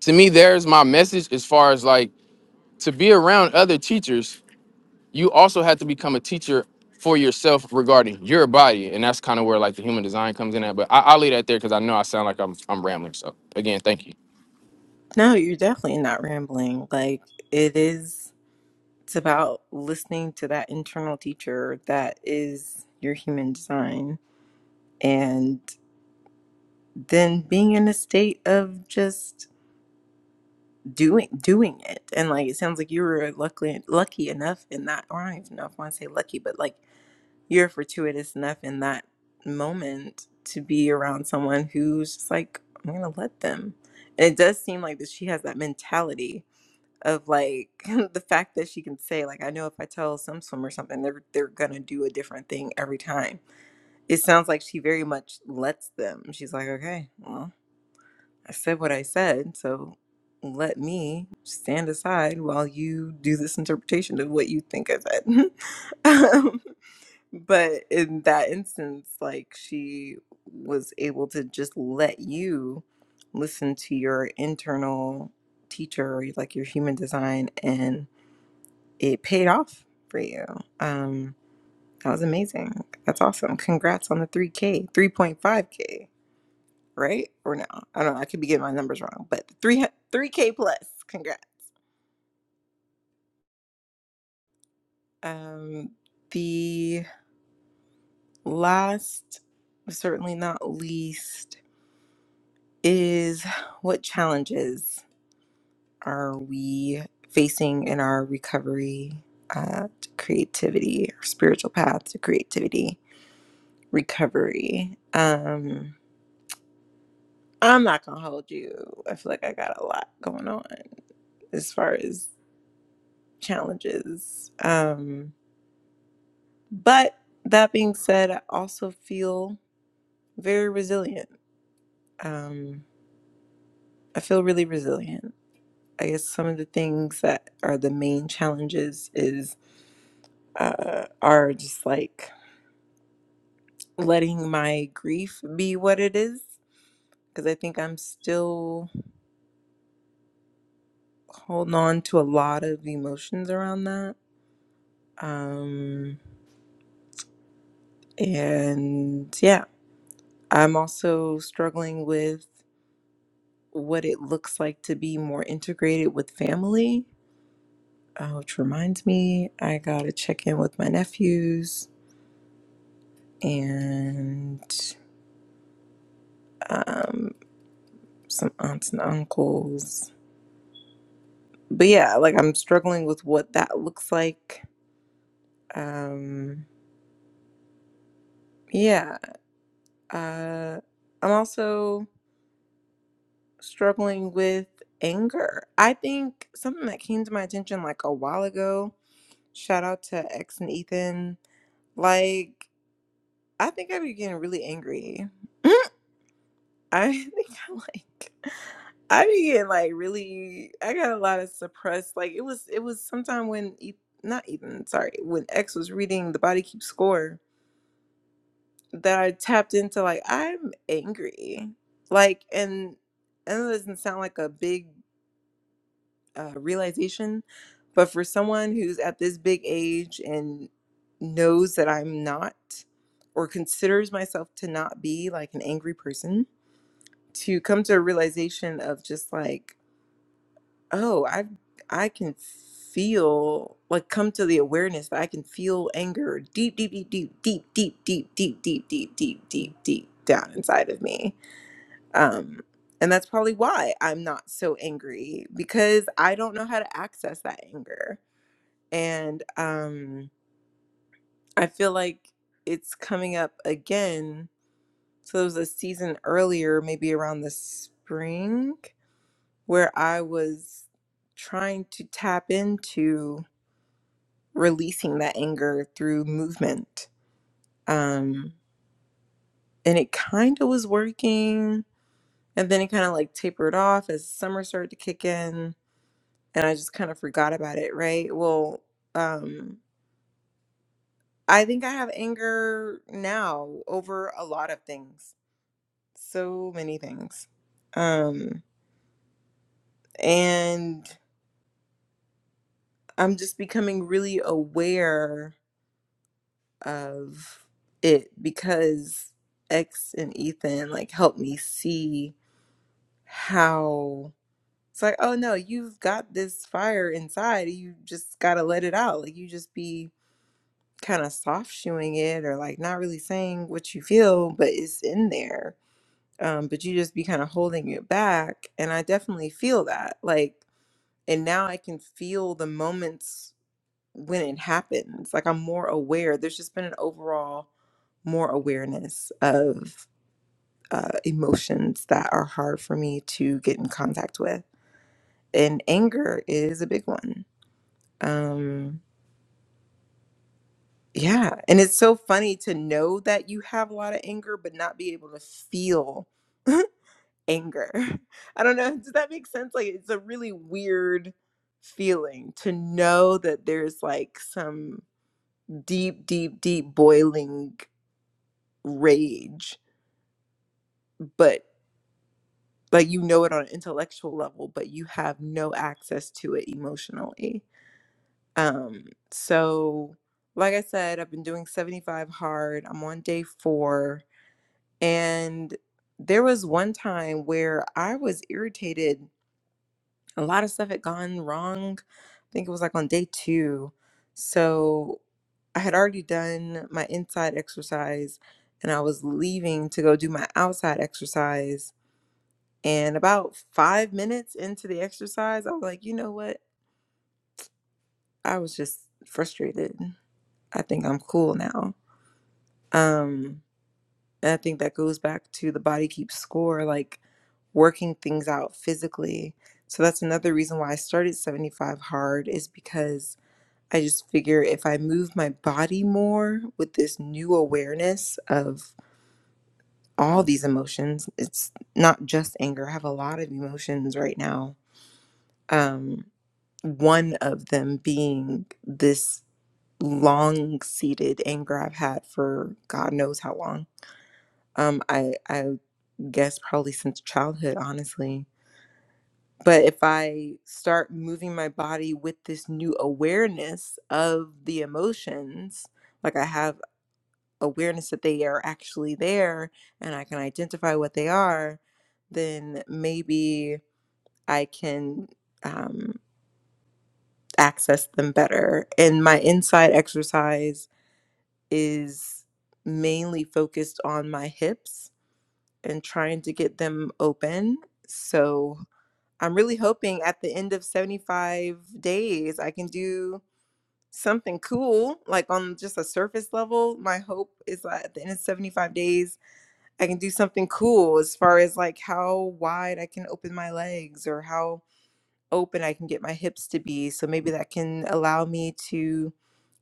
Speaker 2: to me, there's my message as far as like to be around other teachers you also had to become a teacher for yourself regarding your body, and that's kind of where like the human design comes in at. But I, I'll leave that there because I know I sound like I'm I'm rambling. So again, thank you.
Speaker 1: No, you're definitely not rambling. Like it is. It's about listening to that internal teacher that is your human design and than being in a state of just doing doing it and like it sounds like you were luckily lucky enough in that or I don't even know if I want to say lucky but like you're fortuitous enough in that moment to be around someone who's just like I'm gonna let them and it does seem like that she has that mentality of like the fact that she can say like I know if I tell some swimmer something they're they're gonna do a different thing every time it sounds like she very much lets them she's like okay well I said what I said, so let me stand aside while you do this interpretation of what you think I said. um, but in that instance, like she was able to just let you listen to your internal teacher, like your human design, and it paid off for you. Um, that was amazing. That's awesome. Congrats on the 3K, 3.5K right? Or no? I don't know. I could be getting my numbers wrong, but three three k plus. Congrats. Um, the last, but certainly not least, is what challenges are we facing in our recovery uh, to creativity, our spiritual path to creativity recovery? Um, I'm not gonna hold you. I feel like I got a lot going on as far as challenges. Um, But that being said, I also feel very resilient. Um, I feel really resilient. I guess some of the things that are the main challenges is uh, are just like letting my grief be what it is because I think I'm still holding on to a lot of emotions around that. Um, and yeah, I'm also struggling with what it looks like to be more integrated with family uh, which reminds me, I gotta check in with my nephews and um, some aunts and uncles. But yeah, like I'm struggling with what that looks like. Um, yeah, uh, I'm also struggling with anger. I think something that came to my attention like a while ago. Shout out to X and Ethan. Like I think I be getting really angry. I think I like I be getting like really I got a lot of suppressed like it was it was sometime when E- not even sorry when X was reading The Body Keeps Score that I tapped into like I'm angry like and and it doesn't sound like a big uh, realization but for someone who's at this big age and knows that I'm not or considers myself to not be like an angry person to come to a realization of just like oh i i can feel like come to the awareness that i can feel anger deep deep deep deep deep deep deep deep deep deep deep deep deep down inside of me um and that's probably why i'm not so angry because i don't know how to access that anger and um i feel like it's coming up again so there was a season earlier maybe around the spring where I was trying to tap into releasing that anger through movement. Um, and it kind of was working. And then it kind of like tapered off as summer started to kick in. And I just kind of forgot about it, right? Well, um, I think I have anger now over a lot of things, so many things. Um, and I'm just becoming really aware of it because X and Ethan like helped me see how it's like, oh no, you've got this fire inside. You just gotta let it out. Like you just be kind of soft shoeing it or like not really saying what you feel, but it's in there. Um, but you just be kind of holding it back. And I definitely feel that. Like, and now I can feel the moments when it happens. Like I'm more aware. There's just been an overall more awareness of uh, emotions that are hard for me to get in contact with, and anger is a big one. Um, yeah, and it's so funny to know that you have a lot of anger, but not be able to feel anger. I don't know. Does that make sense? Like it's a really weird feeling to know that there's like some deep deep deep boiling rage, but like you know it on an intellectual level, but you have no access to it emotionally. Um, so like I said, I've been doing 75 hard. I'm on day four. And there was one time where I was irritated. A lot of stuff had gone wrong. I think it was like on day two. So I had already done my inside exercise and I was leaving to go do my outside exercise And about five minutes into the exercise, I was like, you know what? I was just frustrated. I think I'm cool now. Um, and I think that goes back to the body keeps score, like working things out physically. So that's another reason why I started 75 hard is because I just figure if I move my body more with this new awareness of all these emotions, it's not just anger. I have a lot of emotions right now. Um, one of them being this long seated anger I've had for God knows how long. Um, I I guess probably since childhood, honestly. But if I start moving my body with this new awareness of the emotions, like I have awareness that they are actually there and I can identify what they are, then maybe I can. um, access them better. And my inside exercise is mainly focused on my hips and trying to get them open. So I'm really hoping at the end of 75 days, I can do something cool, like on just a surface level. My hope is that at the end of 75 days, I can do something cool as far as like how wide I can open my legs or how open I can get my hips to be. So maybe that can allow me to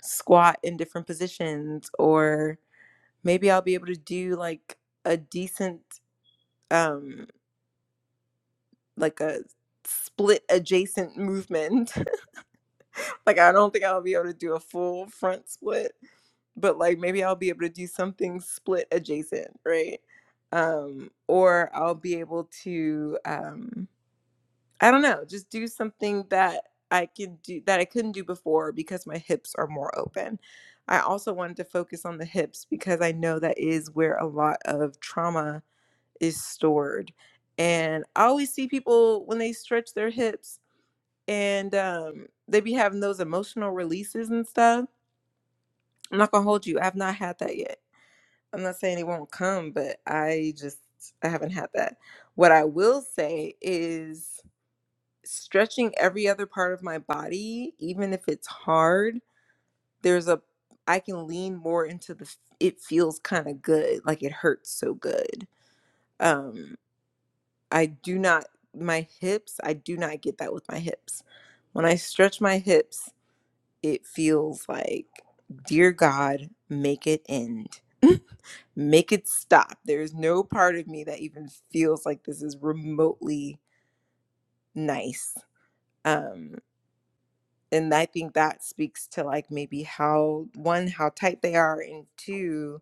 Speaker 1: squat in different positions or maybe I'll be able to do like a decent um like a split adjacent movement. like I don't think I'll be able to do a full front split, but like maybe I'll be able to do something split adjacent, right? Um or I'll be able to um I don't know, just do something that I could do that I couldn't do before because my hips are more open. I also wanted to focus on the hips because I know that is where a lot of trauma is stored. And I always see people when they stretch their hips and um, they be having those emotional releases and stuff. I'm not gonna hold you. I've not had that yet. I'm not saying it won't come, but I just I haven't had that. What I will say is stretching every other part of my body, even if it's hard, there's a I can lean more into the it feels kind of good, like it hurts so good. Um I do not my hips, I do not get that with my hips. When I stretch my hips, it feels like dear god, make it end. make it stop. There's no part of me that even feels like this is remotely nice. Um and I think that speaks to like maybe how one how tight they are and two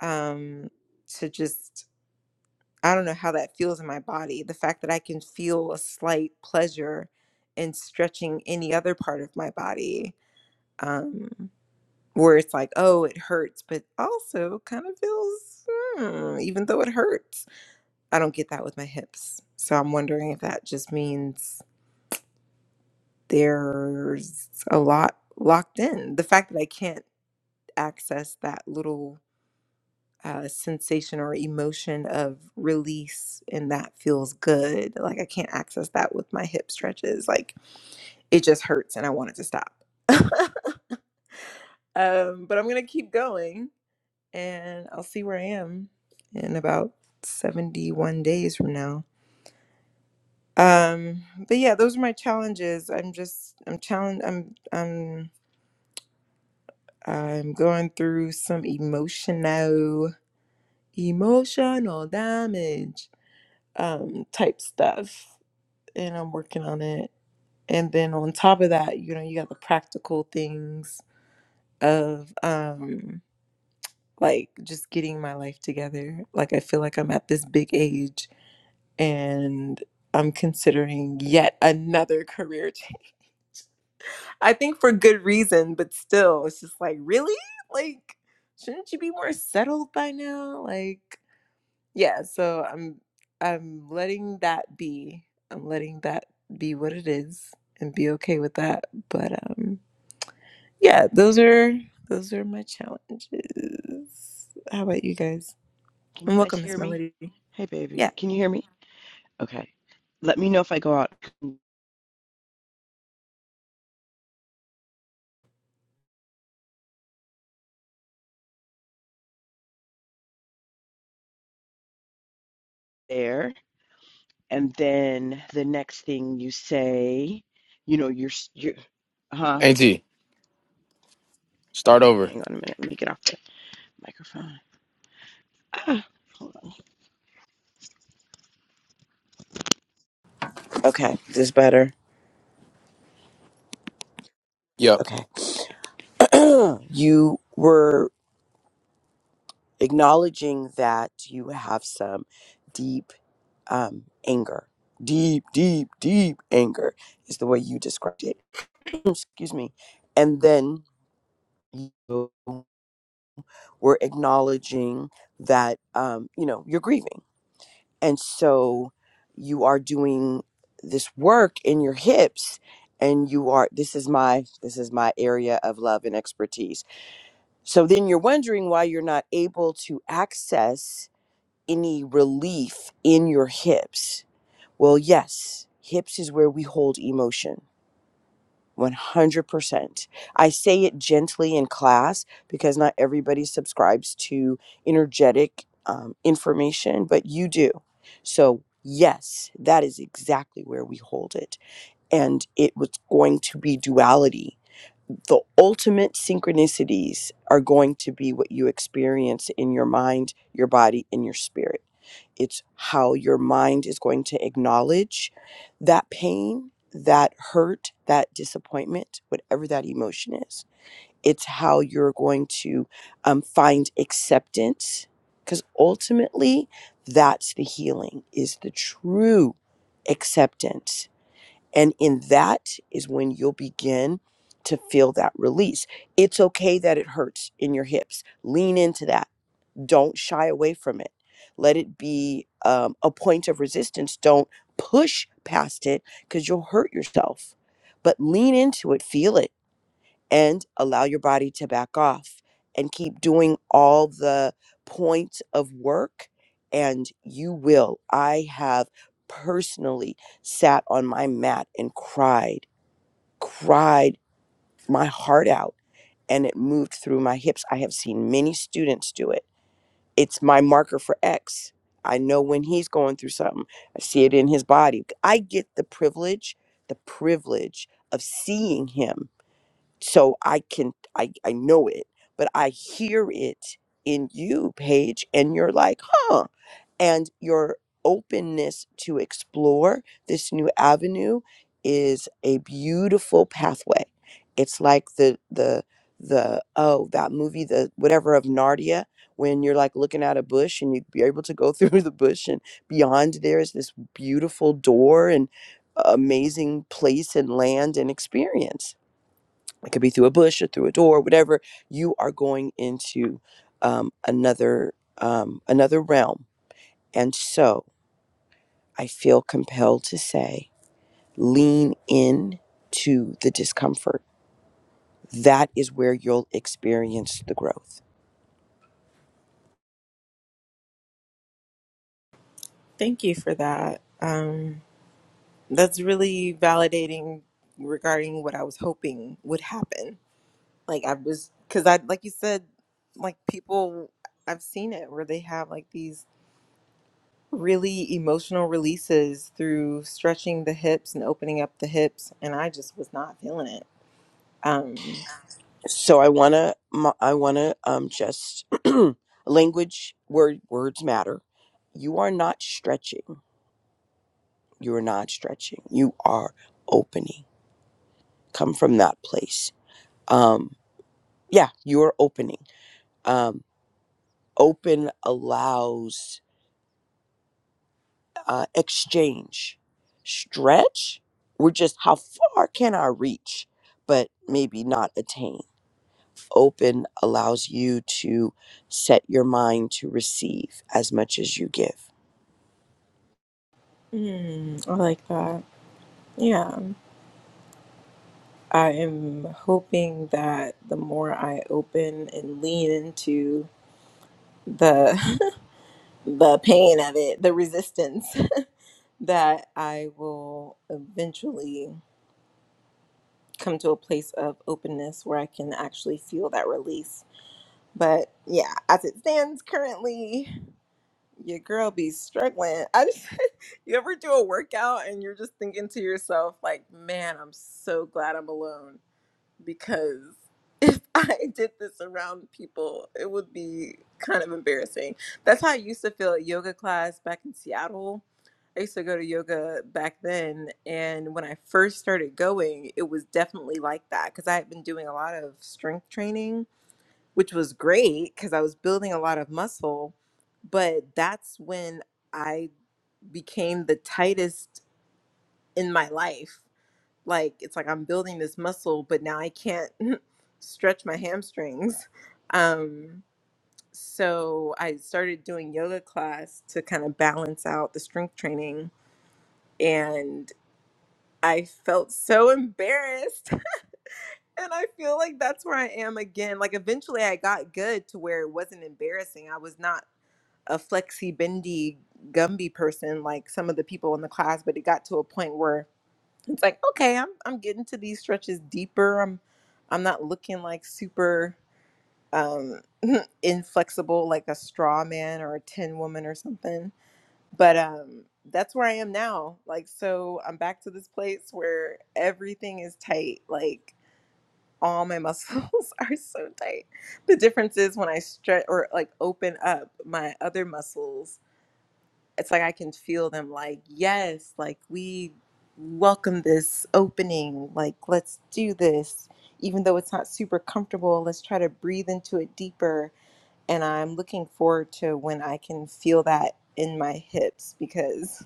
Speaker 1: um to just I don't know how that feels in my body the fact that I can feel a slight pleasure in stretching any other part of my body um where it's like oh it hurts but also kind of feels hmm, even though it hurts I don't get that with my hips so I'm wondering if that just means there's a lot locked in the fact that I can't access that little uh, sensation or emotion of release, and that feels good. Like I can't access that with my hip stretches. Like it just hurts, and I want it to stop. um, but I'm gonna keep going, and I'll see where I am in about 71 days from now. Um, but yeah, those are my challenges. I'm just I'm challenged. I'm I'm I'm going through some emotional emotional damage um, type stuff, and I'm working on it. And then on top of that, you know, you got the practical things of um, like just getting my life together. Like I feel like I'm at this big age, and I'm considering yet another career change. I think for good reason, but still, it's just like really like. Shouldn't you be more settled by now? Like, Yeah, so I'm I'm letting that be. I'm letting that be what it is and be okay with that. But um yeah, those are those are my challenges. How about you guys?
Speaker 3: Can
Speaker 1: And
Speaker 3: you guys
Speaker 1: welcome, Miss
Speaker 3: hear me?
Speaker 1: Melody.
Speaker 3: Hey, baby.
Speaker 1: Yeah,
Speaker 3: Can you hear me? Okay. Let me know if I go out there. And then the next thing you say, you know, you're, you're, huh?
Speaker 2: Ant, start
Speaker 3: Okay.
Speaker 2: over.
Speaker 3: Hang on a minute. Let me get off the microphone. Ah, hold on. Okay. Is this better?
Speaker 2: Yep.
Speaker 3: Okay. you were acknowledging that you have some deep um, anger. Deep, deep, deep anger is the way you described it. Excuse me. And then you were acknowledging that um, you know you're grieving and so you are doing this work in your hips and you are this is my this is my area of love and expertise so then you're wondering why you're not able to access any relief in your hips well yes hips is where we hold emotion 100%. I say it gently in class because not everybody subscribes to energetic um, information, but you do. So, yes, that is exactly where we hold it. And it was going to be duality the ultimate synchronicities are going to be what you experience in your mind, your body, and your spirit. It's how your mind is going to acknowledge that pain, that hurt, that disappointment, whatever that emotion is. It's how you're going to um, find acceptance, because ultimately, that's the healing, is the true acceptance and in that is when you'll begin to feel that release. It's okay that it hurts in your hips. Lean into that. Don't shy away from it. Let it be um, a point of resistance. Don't push past it because you'll hurt yourself. But lean into it, feel it and allow your body to back off and keep doing all the points of work and you will i have personally sat on my mat and cried cried my heart out and it moved through my hips i have seen many students do it it's my marker for x i know when he's going through something i see it in his body i get the privilege the privilege of seeing him so i can i i know it but i hear it in you paige and you're like huh and your openness to explore this new avenue is a beautiful pathway it's like the the the oh that movie the whatever of narnia when you're like looking at a bush and you're able to go through the bush and beyond there is this beautiful door and amazing place and land and experience it could be through a bush or through a door whatever you are going into um, another um, another realm and so i feel compelled to say lean in to the discomfort that is where you'll experience the growth
Speaker 1: thank you for that. Um that's really validating regarding what I was hoping would happen. Like I was cuz I like you said like people I've seen it where they have like these really emotional releases through stretching the hips and opening up the hips and i just was not feeling it um
Speaker 3: so i want to i want to um, just language word words matter you are not stretching you're not stretching you are opening come from that place Um, yeah you're opening um open allows uh exchange stretch we're just how far can i reach but maybe not attain open allows you to set your mind to receive as much as you give
Speaker 1: mm, i like that yeah i am hoping that the more i open and lean into the the pain of it the resistance that i will eventually come to a place of openness where i can actually feel that release but yeah as it stands currently Your girl be struggling. I just you ever do a workout and you're just thinking to yourself, like, man, I'm so glad I'm alone because if I did this around people, it would be kind of embarrassing. That's how I used to feel at yoga class back in Seattle. I used to go to yoga back then, and when I first started going, it was definitely like that because I had been doing a lot of strength training which was great because I was building a lot of muscle. But that's when I became the tightest in my life. Like, it's like I'm building this muscle, but now I can't stretch my hamstrings. Um, so I started doing yoga class to kind of balance out the strength training. And I felt so embarrassed. And I feel like that's where I am again. Like, eventually I got good to where it wasn't embarrassing. I was not a flexi bendy gumby person like some of the people in the class but it got to a point where it's like okay i'm i'm getting to these stretches deeper i'm i'm not looking like super um inflexible like a straw man or a tin woman or something but um that's where i am now like so i'm back to this place where everything is tight like all my muscles are so tight the difference is when i stretch or like open up my other muscles it's like I can feel them like, yes, like we welcome this opening, like let's do this. Even though it's not super comfortable, let's try to breathe into it deeper. And I'm looking forward to when I can feel that in my hips because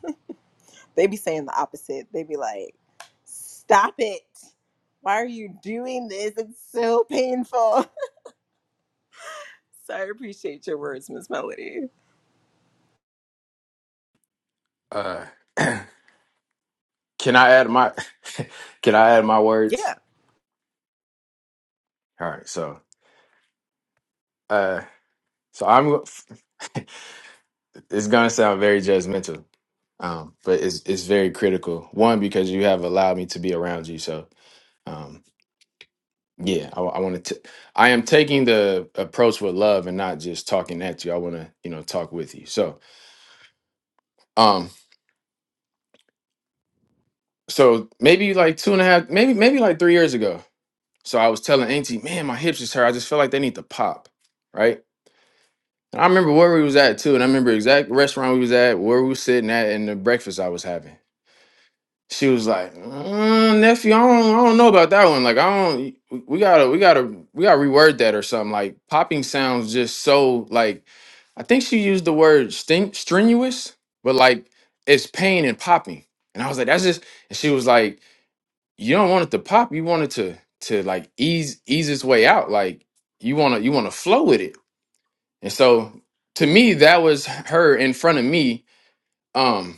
Speaker 1: they be saying the opposite. They be like, stop it. Why are you doing this? It's so painful. so I appreciate your words, Miss Melody.
Speaker 2: Uh, can I add my can I add my words?
Speaker 1: Yeah.
Speaker 2: All right, so uh, so I'm it's gonna sound very judgmental, um, but it's it's very critical. One because you have allowed me to be around you, so. Um, Yeah, I, want to. I am taking the approach with love and not just talking at you. I want to, you know, talk with you. So, um, so maybe like two and a half, maybe maybe like three years ago. So I was telling Auntie, man, my hips just hurt. I just feel like they need to pop, right? And I remember where we was at too, and I remember exact restaurant we was at, where we was sitting at, and the breakfast I was having. She was like, "Mm, nephew, I don't, I don't know about that one. Like, I don't. We we gotta, we gotta, we gotta reword that or something. Like, popping sounds just so like. I think she used the word sting, strenuous, but like it's pain and popping. And I was like, that's just. And she was like, you don't want it to pop. You want it to to like ease ease its way out. Like you wanna you wanna flow with it. And so to me, that was her in front of me. Um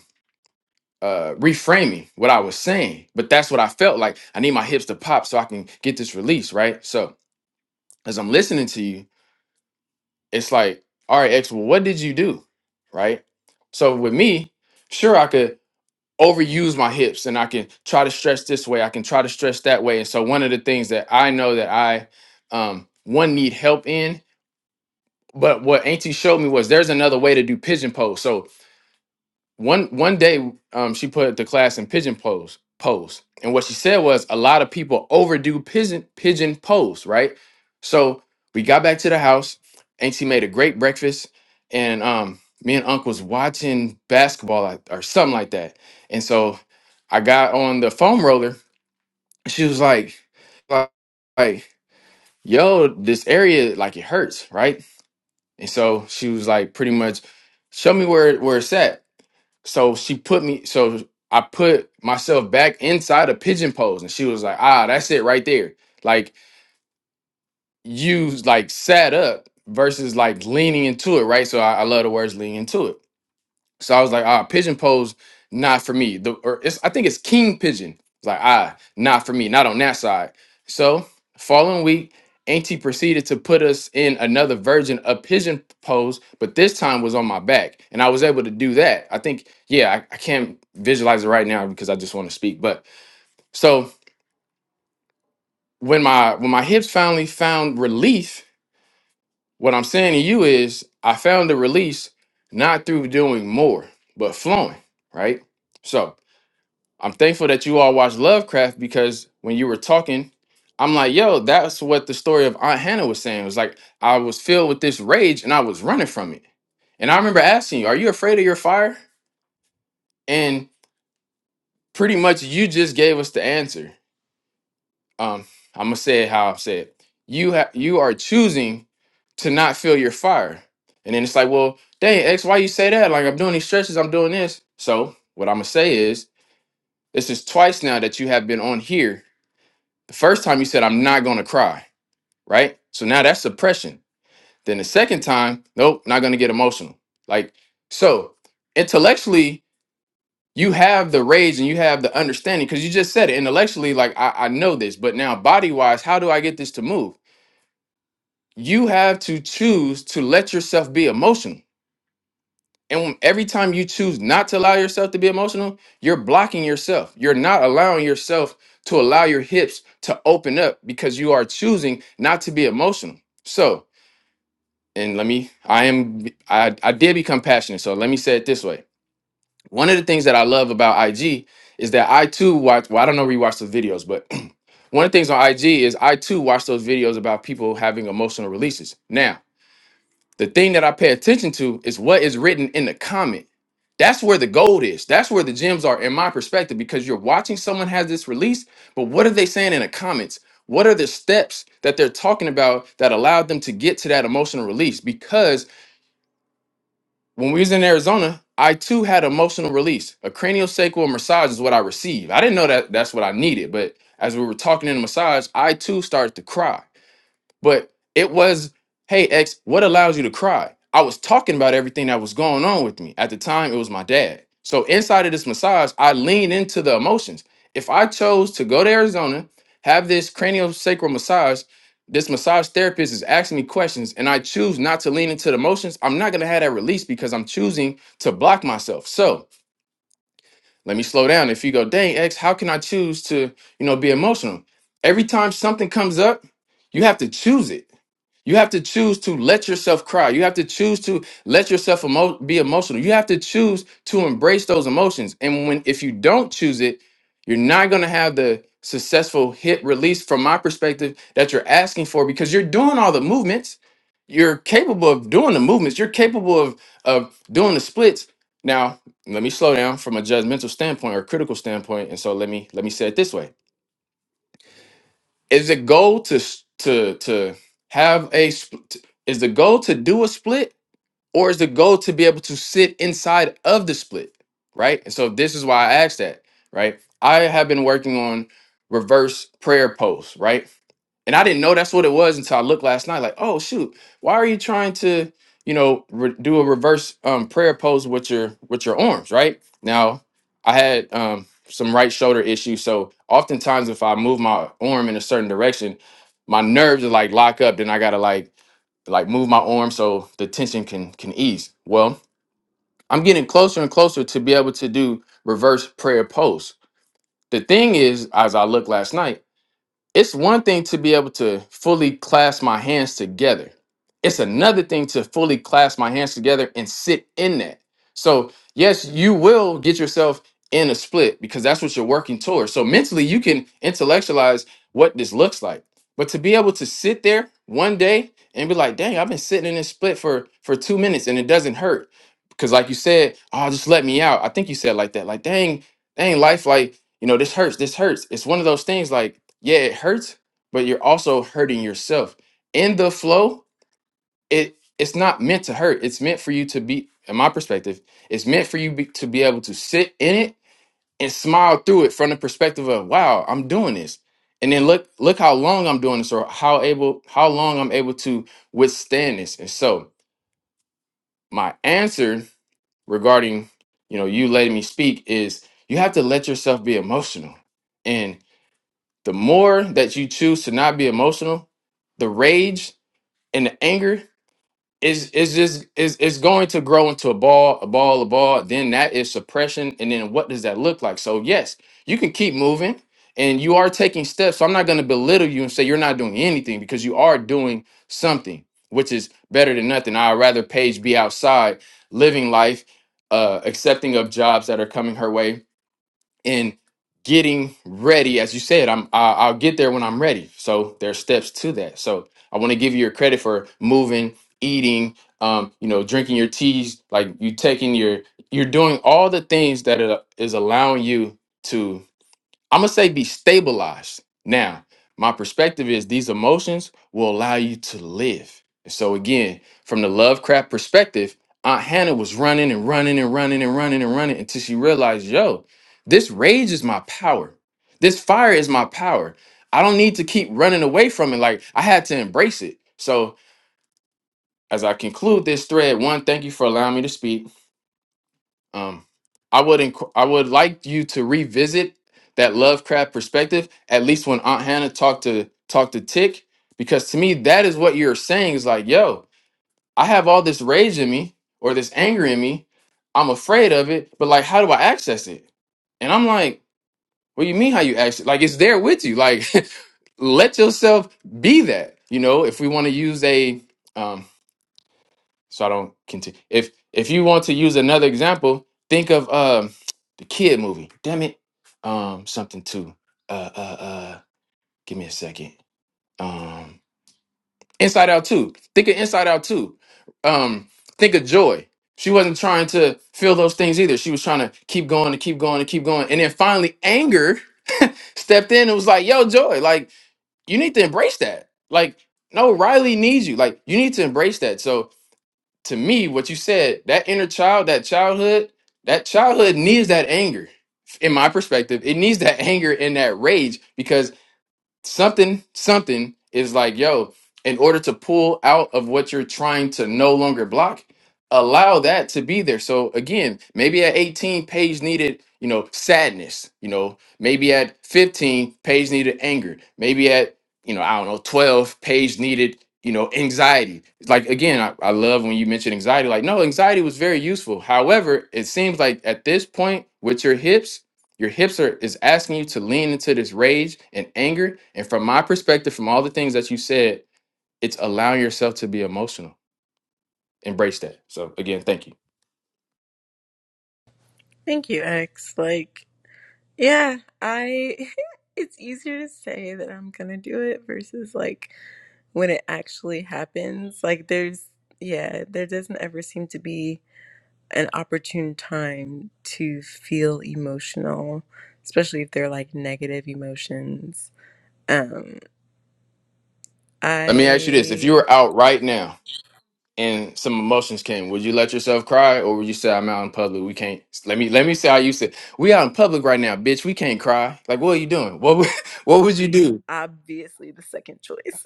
Speaker 2: uh reframing what I was saying, but that's what I felt like. I need my hips to pop so I can get this release, right? So as I'm listening to you, it's like, all right, X, well, what did you do? Right? So with me, sure I could overuse my hips and I can try to stretch this way, I can try to stretch that way. And so one of the things that I know that I um one need help in, but what Auntie showed me was there's another way to do pigeon pose. So one one day um she put the class in pigeon pose pose and what she said was a lot of people overdo pigeon pigeon pose right so we got back to the house and she made a great breakfast and um me and uncle was watching basketball like- or something like that and so i got on the foam roller and she was like like like, yo this area like it hurts right and so she was like pretty much show me where where it's at so she put me, so I put myself back inside a pigeon pose, and she was like, ah, that's it right there. Like you like sat up versus like leaning into it, right? So I, I love the words lean into it so I was like, ah, pigeon pose, not for me. The or it's I think it's king pigeon. It's like, ah, not for me, not on that side. So following week, Auntie proceeded to put us in another version of pigeon pose, but this time was on my back. And I was able to do that. I think, yeah, I, I can't visualize it right now because I just want to speak. But so when my when my hips finally found relief, what I'm saying to you is I found the release not through doing more, but flowing, right? So I'm thankful that you all watched Lovecraft because when you were talking, I'm like, yo, that's what the story of Aunt Hannah was saying. It was like I was filled with this rage and I was running from it. And I remember asking you, are you afraid of your fire? And pretty much you just gave us the answer. Um, I'm gonna say it how I said. it. You ha- you are choosing to not feel your fire. And then it's like, well, dang, X, why you say that? Like I'm doing these stretches, I'm doing this. So what I'm gonna say is, this is twice now that you have been on here The first time you said, I'm not going to cry, right? So now that's suppression. Then the second time, nope, not going to get emotional. Like, so intellectually, you have the rage and you have the understanding because you just said it intellectually, like, I, I know this, but now body wise, how do I get this to move? You have to choose to let yourself be emotional And when- every time you choose not to allow yourself to be emotional, you're blocking yourself. You're not allowing yourself to allow your hips to open up because you are choosing not to be emotional. So, and let me, I am, I, I did become passionate. So let me say it this way. One of the things that I love about IG is that I too watch, well, I don't know rewatch the videos, but one of the things on IG is I too watch those videos about people having emotional releases. Now, the thing that I pay attention to is what is written in the comment. That's where the gold is. That's where the gems are, in my perspective, because you're watching someone has this release, but what are they saying in the comments? What are the steps that they're talking about that allowed them to get to that emotional release? Because when we was in Arizona, I too had emotional release. A craniosacral massage is what I received. I didn't know that that's what I needed, but as we were talking in the massage, I too started to cry. But it was, hey, X, what allows you to cry? I was talking about everything that was going on with me. At the time, it was my dad. So inside of this massage, I lean into the emotions. If I chose to go to Arizona, have this craniosacral massage, this massage therapist is asking me questions, and I choose not to lean into the emotions, I'm not gonna have that release because I'm choosing to block myself. So let me slow down. If you go, dang, X, how can I choose to, you know, be emotional? Every time something comes up, you have to choose it you have to choose to let yourself cry. You have to choose to let yourself emo- be emotional. You have to choose to embrace those emotions. And when if you don't choose it, you're not going to have the successful hit release from my perspective that you're asking for because you're doing all the movements. You're capable of doing the movements. You're capable of of doing the splits. Now, let me slow down from a judgmental standpoint or critical standpoint. And so let me let me say it this way is the goal to s- to to have a sp- t- is the goal to do a split or is the goal to be able to sit inside of the split, right? And so this is why I asked that, right? I have been working on reverse prayer posts, right? and I didn't know that's what it was until I looked last night. Like, oh shoot, why are you trying to, you know, re- do a reverse um, prayer pose with your with your arms? Right now, I had um, some right shoulder issues, so oftentimes if I move my arm in a certain direction, my nerves are like lock up. Then I gotta like like move my arm so the tension can can ease. Well, I'm getting closer and closer to be able to do reverse prayer pose. The thing is, as I looked last night. It's one thing to be able to fully clasp my hands together. It's another thing to fully clasp my hands together and sit in that. So, yes, you will get yourself in a split because that's what you're working towards. So, mentally, you can intellectualize what this looks like. But to be able to sit there one day and be like, dang, I've been sitting in this split for, for two minutes and it doesn't hurt. Because, like you said, oh, just let me out. I think you said like that. Like, dang, dang, life, like, you know this hurts this hurts it's one of those things like yeah it hurts but you're also hurting yourself in the flow it it's not meant to hurt it's meant for you to be in my perspective it's meant for you be, to be able to sit in it and smile through it from the perspective of wow i'm doing this and then look look how long i'm doing this or how able how long i'm able to withstand this and so my answer regarding you know you letting me speak is you have to let yourself be emotional and. The more that you choose to not be emotional, the rage and the anger is is just is is going to grow into a ball, a ball, a ball. Then that is suppression, and then what does that look like? So yes, you can keep moving, and you are taking steps. So I'm not going to belittle you and say you're not doing anything because you are doing something, which is better than nothing. I'd rather Paige be outside living life, uh, accepting of jobs that are coming her way, in getting ready as you said i'm I, i'll get there when i'm ready so there's steps to that so i want to give you your credit for moving eating um you know drinking your teas like you taking your you're doing all the things that it is allowing you I'm gonna say be stabilized. Now, my perspective is these emotions will allow you to live. And so again, from the Lovecraft perspective, Aunt Hannah was running and running and running and running and running until she realized, yo, this rage is my power. This fire is my power. I don't need to keep running away from it. Like I had to embrace it. So as I conclude this thread, one, thank you for allowing me to speak. Um, I would inc- I would like you to revisit that Lovecraft perspective at least when Aunt Hannah talked to talked to Tick because to me that is what you're saying is like, yo, I have all this rage in me or this anger in me. I'm afraid of it, but like, how do I access it? And I'm like, what do you mean how you access? it? Like, it's there with you. Like, let yourself be that. You know, if we want to use a um, so I don't continue. If if you want to use another example, think of um the kid movie. Damn it, um something too. Uh uh uh. Give me a second. Um, Inside Out two. Think of Inside Out two. Um, think of Joy. She wasn't trying to feel those things either. She was trying to keep going and keep going and keep going. And then finally, anger stepped in and was like, "Yo, Joy, like you need to embrace that. Like, no, Riley needs you. Like, you need to embrace that." So to me, what you said, that inner child, that childhood, that childhood needs that anger. In my perspective, it needs that anger and that rage because something something is like yo in order to pull out of what you're trying to no longer block allow that to be there so again maybe at 18 page needed you know sadness you know maybe at 15 page needed anger maybe at you know i don't know 12 page needed you know anxiety It's like again I, I love when you mention anxiety like no anxiety was very useful however it seems like at this point with your hips your hips are is asking you to lean into this rage and anger. And from my perspective, from all the things that you said, it's allowing yourself to be emotional. Embrace that. So again, thank you.
Speaker 1: Thank you, X. Like Yeah, I it's easier to say that I'm gonna do it versus like when it actually happens. Like there's yeah, there doesn't ever seem to be an opportune time to feel emotional, especially if they're like negative emotions. Um,
Speaker 2: Let me ask you this. If you
Speaker 1: I
Speaker 2: were out right now and some emotions came, would you let yourself cry or would you say I'm out in public? We can't let me let me say how you said, we out in public right now, bitch. We can't cry. Like, what are you doing? What would what would you do?
Speaker 1: obviously the second choice.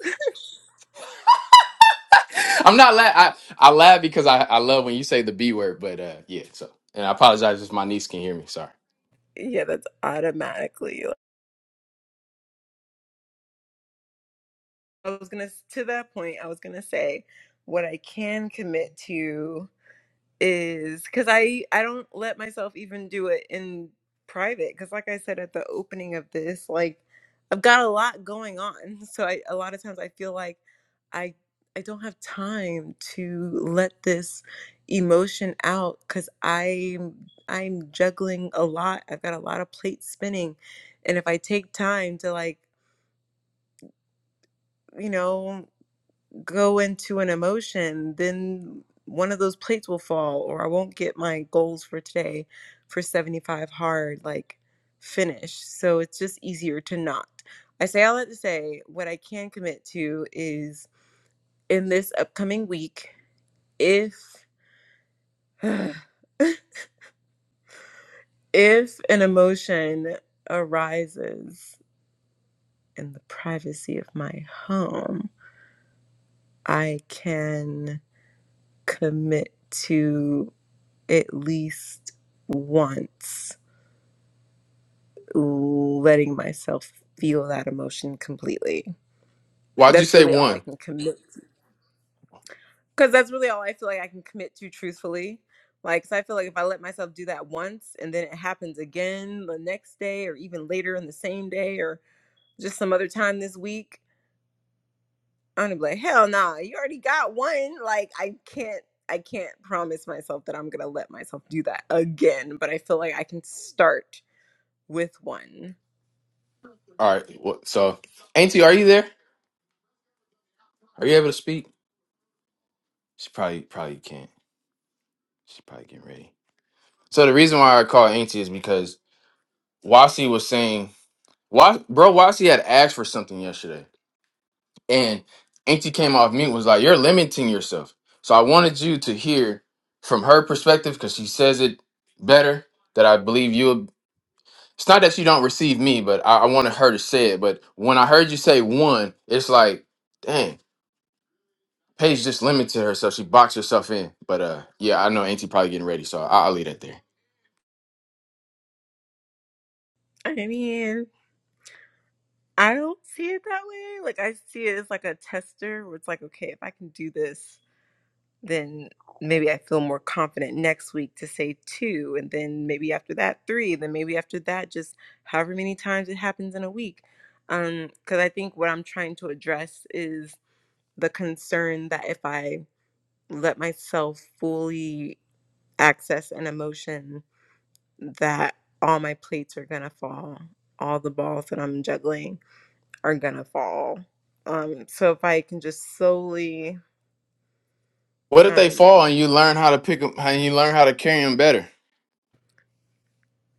Speaker 2: I'm not la- I, I laugh because I, I love when you say the B word, but uh yeah, so and I apologize if my niece can hear me. Sorry.
Speaker 1: yeah, that's automatically. like, I was gonna to that point, I was gonna say what I can commit to is because I I don't let myself even do it in private because like I said at the opening of this like I've got a lot going on so I a lot of times I feel like I I don't have time to let this emotion out because I'm I'm juggling a lot I've got a lot of plates spinning and if I take time to like you know go into an emotion, then one of those plates will fall, or I won't get my goals for today for 75 hard, like finish. So it's just easier to not. I say all that to say what I can commit to is in this upcoming week, if if an emotion arises in the privacy of my home, I can commit to at least once letting myself feel that emotion completely.
Speaker 2: Why'd you
Speaker 1: That's
Speaker 2: say
Speaker 1: really all I
Speaker 2: one?
Speaker 1: can commit because that's really all I feel like I can commit to truthfully. Like, 'cause I feel like if I let myself do that once and then it happens again the next day or even later in the same day or just some other time this week, I'm gonna be like, hell nah, you already got one. Like, I can't, I can't promise myself that I'm gonna let myself do that again, but I feel like I can start with one
Speaker 2: All right. Well, so, Auntie, are you there? Are you able to speak? She probably probably can't. She's probably getting ready. So the reason why I call Auntie is because Wasi was saying, "Wa- bro, Wasi had asked for something yesterday, and Auntie came off mute and was like, "You're limiting yourself." So I wanted you to hear from her perspective because she says it better. That I believe you. It's not that you don't receive me, but I, I wanted her to say it. But when I heard you say one, it's like, dang. Paige just limited herself. She boxed herself in. But uh, yeah, I know Auntie probably getting ready, so I- I'll leave that there.
Speaker 1: I mean, I don't see it that way. Like I see it as like a tester where it's like, okay, if I can do this, then maybe I feel more confident next week to say two, and then maybe after that three, and then maybe after that just however many times it happens in a week. Um, because I think what I'm trying to address is the concern that if I let myself fully access an emotion, that all my plates are gonna fall, all the balls that I'm juggling are gonna fall. Um, so if I can just slowly,
Speaker 2: What if they
Speaker 1: um,
Speaker 2: fall and you learn how to pick them and you learn how to carry them better?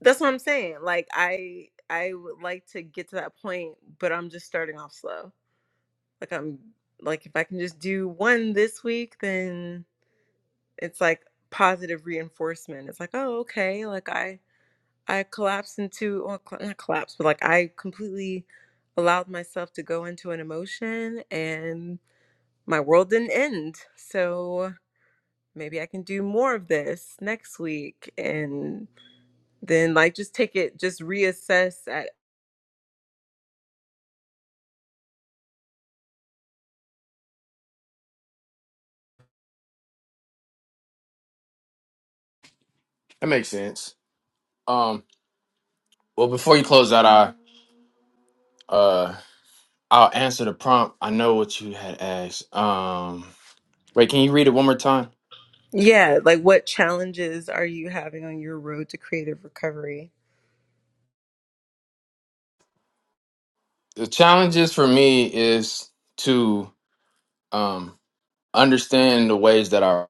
Speaker 1: that's what I'm saying. Like I, I would like to get to that point, but I'm just starting off slow. Like I'm, like if I can just do one this week, then it's like positive reinforcement. It's like, oh, okay, like I, I collapsed into, well, cl- not collapse, but like I completely allowed myself to go into an emotion and my world didn't end. So maybe I can do more of this next week and then like just take it just reassess at
Speaker 2: That makes sense. Um, well, before you close out, I uh, I'll answer the prompt. I know what you had asked. Um, wait, can you read it one more time?
Speaker 1: yeah, like what challenges are you having on your road to creative recovery?
Speaker 2: The challenges for me is to um understand the ways that our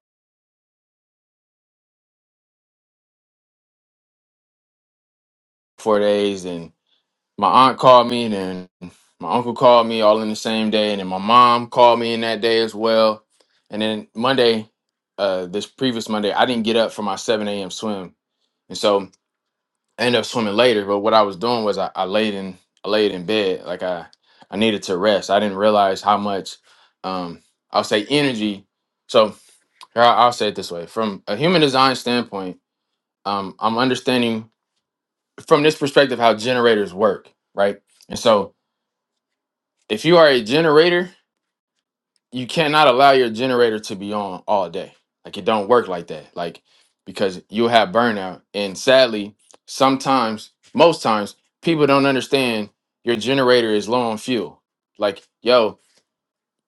Speaker 2: four days and my aunt called me and then my uncle called me all in the same day and then my mom called me in that day as well and then monday uh this previous monday i didn't get up for my 7 a.m swim and so i ended up swimming later but what i was doing was i, I laid in i laid in bed like i i needed to rest i didn't realize how much um i'll say energy so here, I- i'll say it this way from a human design standpoint um i'm understanding from this perspective how generators work right and so If you are a generator, you cannot allow your generator to be on all day. Like it don't work like that. Like because you'll have burnout. And sadly, sometimes, most times, people don't understand your generator is low on fuel. Like, yo,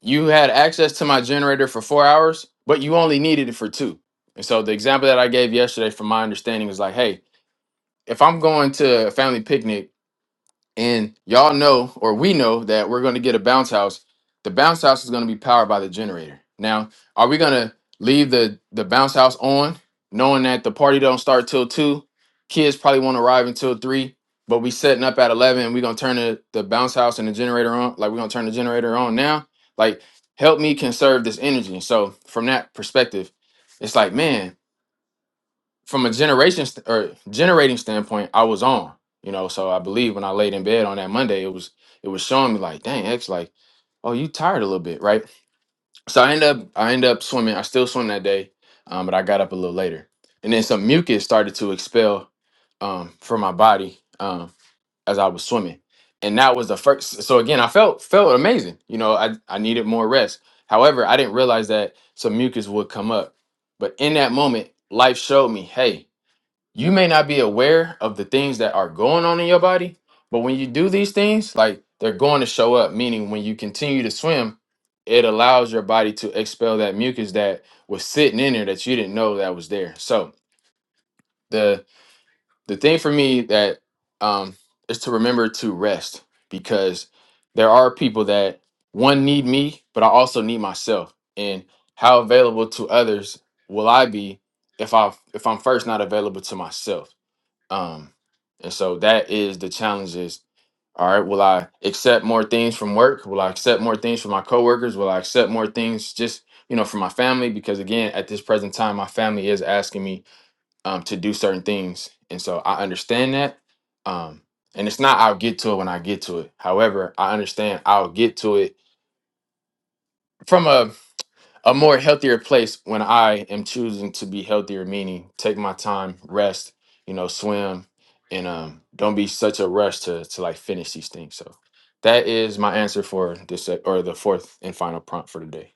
Speaker 2: you had access to my generator for four hours, but you only needed it for two. And so the example that I gave yesterday, from my understanding, was like, hey, if I'm going to a family picnic and y'all know, or we know, that we're going to get a bounce house. The bounce house is going to be powered by the generator. Now, are we going to leave the the bounce house on, knowing that the party don't start till two? Kids probably won't arrive until three, but we setting up at eleven. And we're going to turn the, the bounce house and the generator on. Like we're going to turn the generator on now. Like, help me conserve this energy. So from that perspective, it's like, man, from a generation st- or generating standpoint, I was on. You know, so I believe when I laid in bed on that Monday, it was it was showing me like, dang, X, like, oh, you tired a little bit, right? So I end up I end up swimming. I still swim that day, um, but I got up a little later, and then some mucus started to expel um, from my body um, as I was swimming, and that was the first. So again, I felt felt amazing. You know, I I needed more rest. However, I didn't realize that some mucus would come up, but in that moment, life showed me, hey, you may not be aware of the things that are going on in your body, but when you do these things, like they're going to show up, meaning when you continue to swim, it allows your body to expel that mucus that was sitting in there that you didn't know that was there. So the the thing for me that um is to remember to rest because there are people that one need me, but I also need myself. And how available to others will I be if I if I'm first not available to myself? Um, and so that is the challenges. All right, will I accept more things from work? Will I accept more things from my coworkers? Will I accept more things just you know from my family? Because again, at this present time, my family is asking me um, to do certain things, and so I understand that. Um, and it's not I'll get to it when I get to it. However, I understand I'll get to it from a a more healthier place when I am choosing to be healthier, meaning take my time, rest, you know, swim, and um, don't be such a rush to to like finish these things. So that is my answer for this sec- or the fourth and final prompt for today.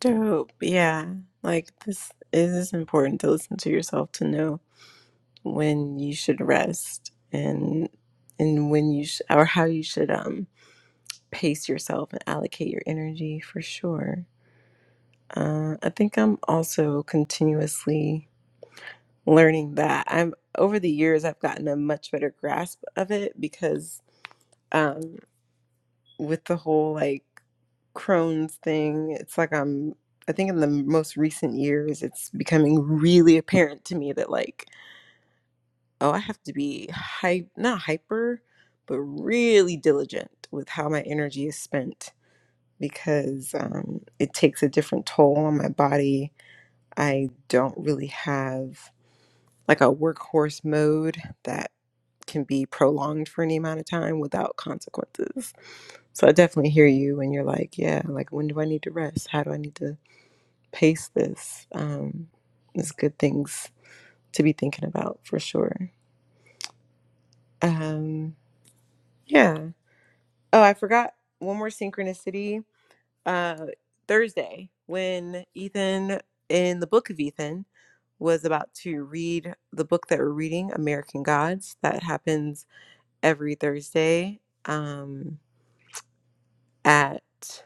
Speaker 1: Dope. Yeah. Like this it is important to listen to yourself to know when you should rest and and when you sh- or how you should um pace yourself and allocate your energy for sure. Uh, I think I'm also continuously learning that. I'm over the years I've gotten a much better grasp of it because um with the whole like Crohn's thing, it's like I'm I think in the most recent years it's becoming really apparent to me that like oh, I have to be hy not hyper, but really diligent with how my energy is spent because um it takes a different toll on my body. I don't really have like a workhorse mode that can be prolonged for any amount of time without consequences. So I definitely hear you when you're like, yeah, like when do I need to rest? How do I need to pace this? Um, it's good things to be thinking about for sure. Um, yeah. Oh, I forgot one more synchronicity. Uh, Thursday when Ethan in the book of Ethan was about to read the book that we're reading, American Gods. That happens every Thursday. Um, at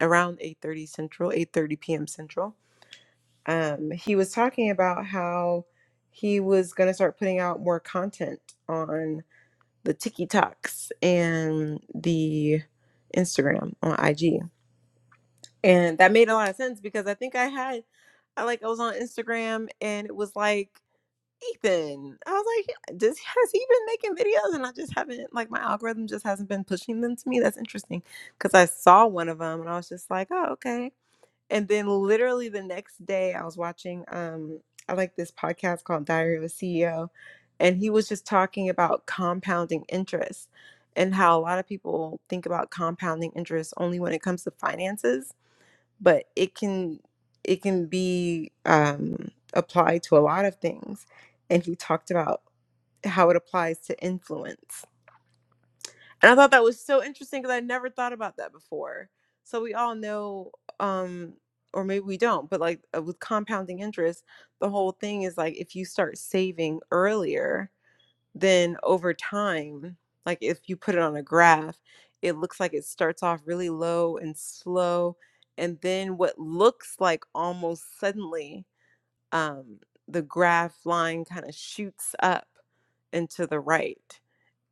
Speaker 1: around 8:30 Central, 8:30 p.m. Central. Um, he was talking about how he was going to start putting out more content on the TikToks and the Instagram on IG. And that made a lot of sense because I think I had I like I was on Instagram and it was like Ethan. I was like, "Yeah, does has he been making videos? And I just haven't like my algorithm just hasn't been pushing them to me. That's interesting because I saw one of them and I was just like, oh okay. And then literally the next day I was watching um I like this podcast called Diary of a CEO and he was just talking about compounding interest and how a lot of people think about compounding interest only when it comes to finances, but it can it can be um applied to a lot of things. And he talked about how it applies to influence and I thought that was so interesting because I never thought about that before. So we all know, um, or maybe we don't, but like uh, with compounding interest, the whole thing is like if you start saving earlier, then over time, like if you put it on a graph, it looks like it starts off really low and slow. And then what looks like almost suddenly, um, the graph line kind of shoots up and to the right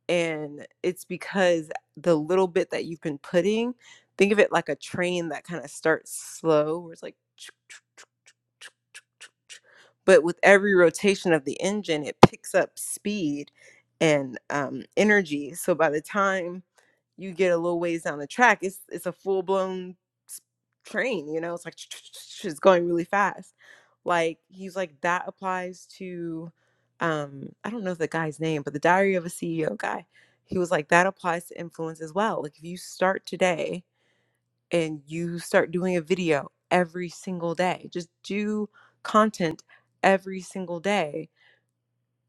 Speaker 1: and it's because the little bit that you've been putting think of it like a train that kind of starts slow where it's like but with every rotation of the engine, it picks up speed and um, energy. So by the time you get a little ways down the track, it's it's a full blown train. You know, it's like it's going really fast. Like he's like that applies to, um, I don't know the guy's name, but the Diary of a CEO guy. He was like that applies to influence as well. Like if you start today and you start doing a video every single day. Just do content every single day.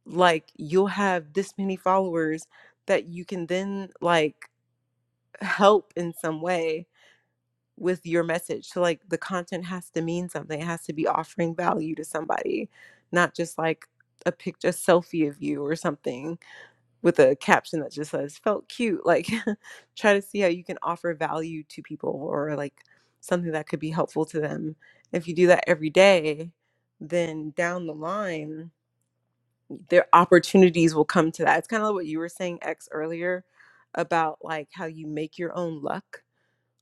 Speaker 1: Like you'll have this many followers that you can then like help in some way with your message. So like the content has to mean something. It has to be offering value to somebody, not just like a picture a selfie of you or something with a caption that just says felt cute like try to see how you can offer value to people or like something that could be helpful to them if you do that every day then down the line their opportunities will come to that it's kind of like what you were saying x earlier about like how you make your own luck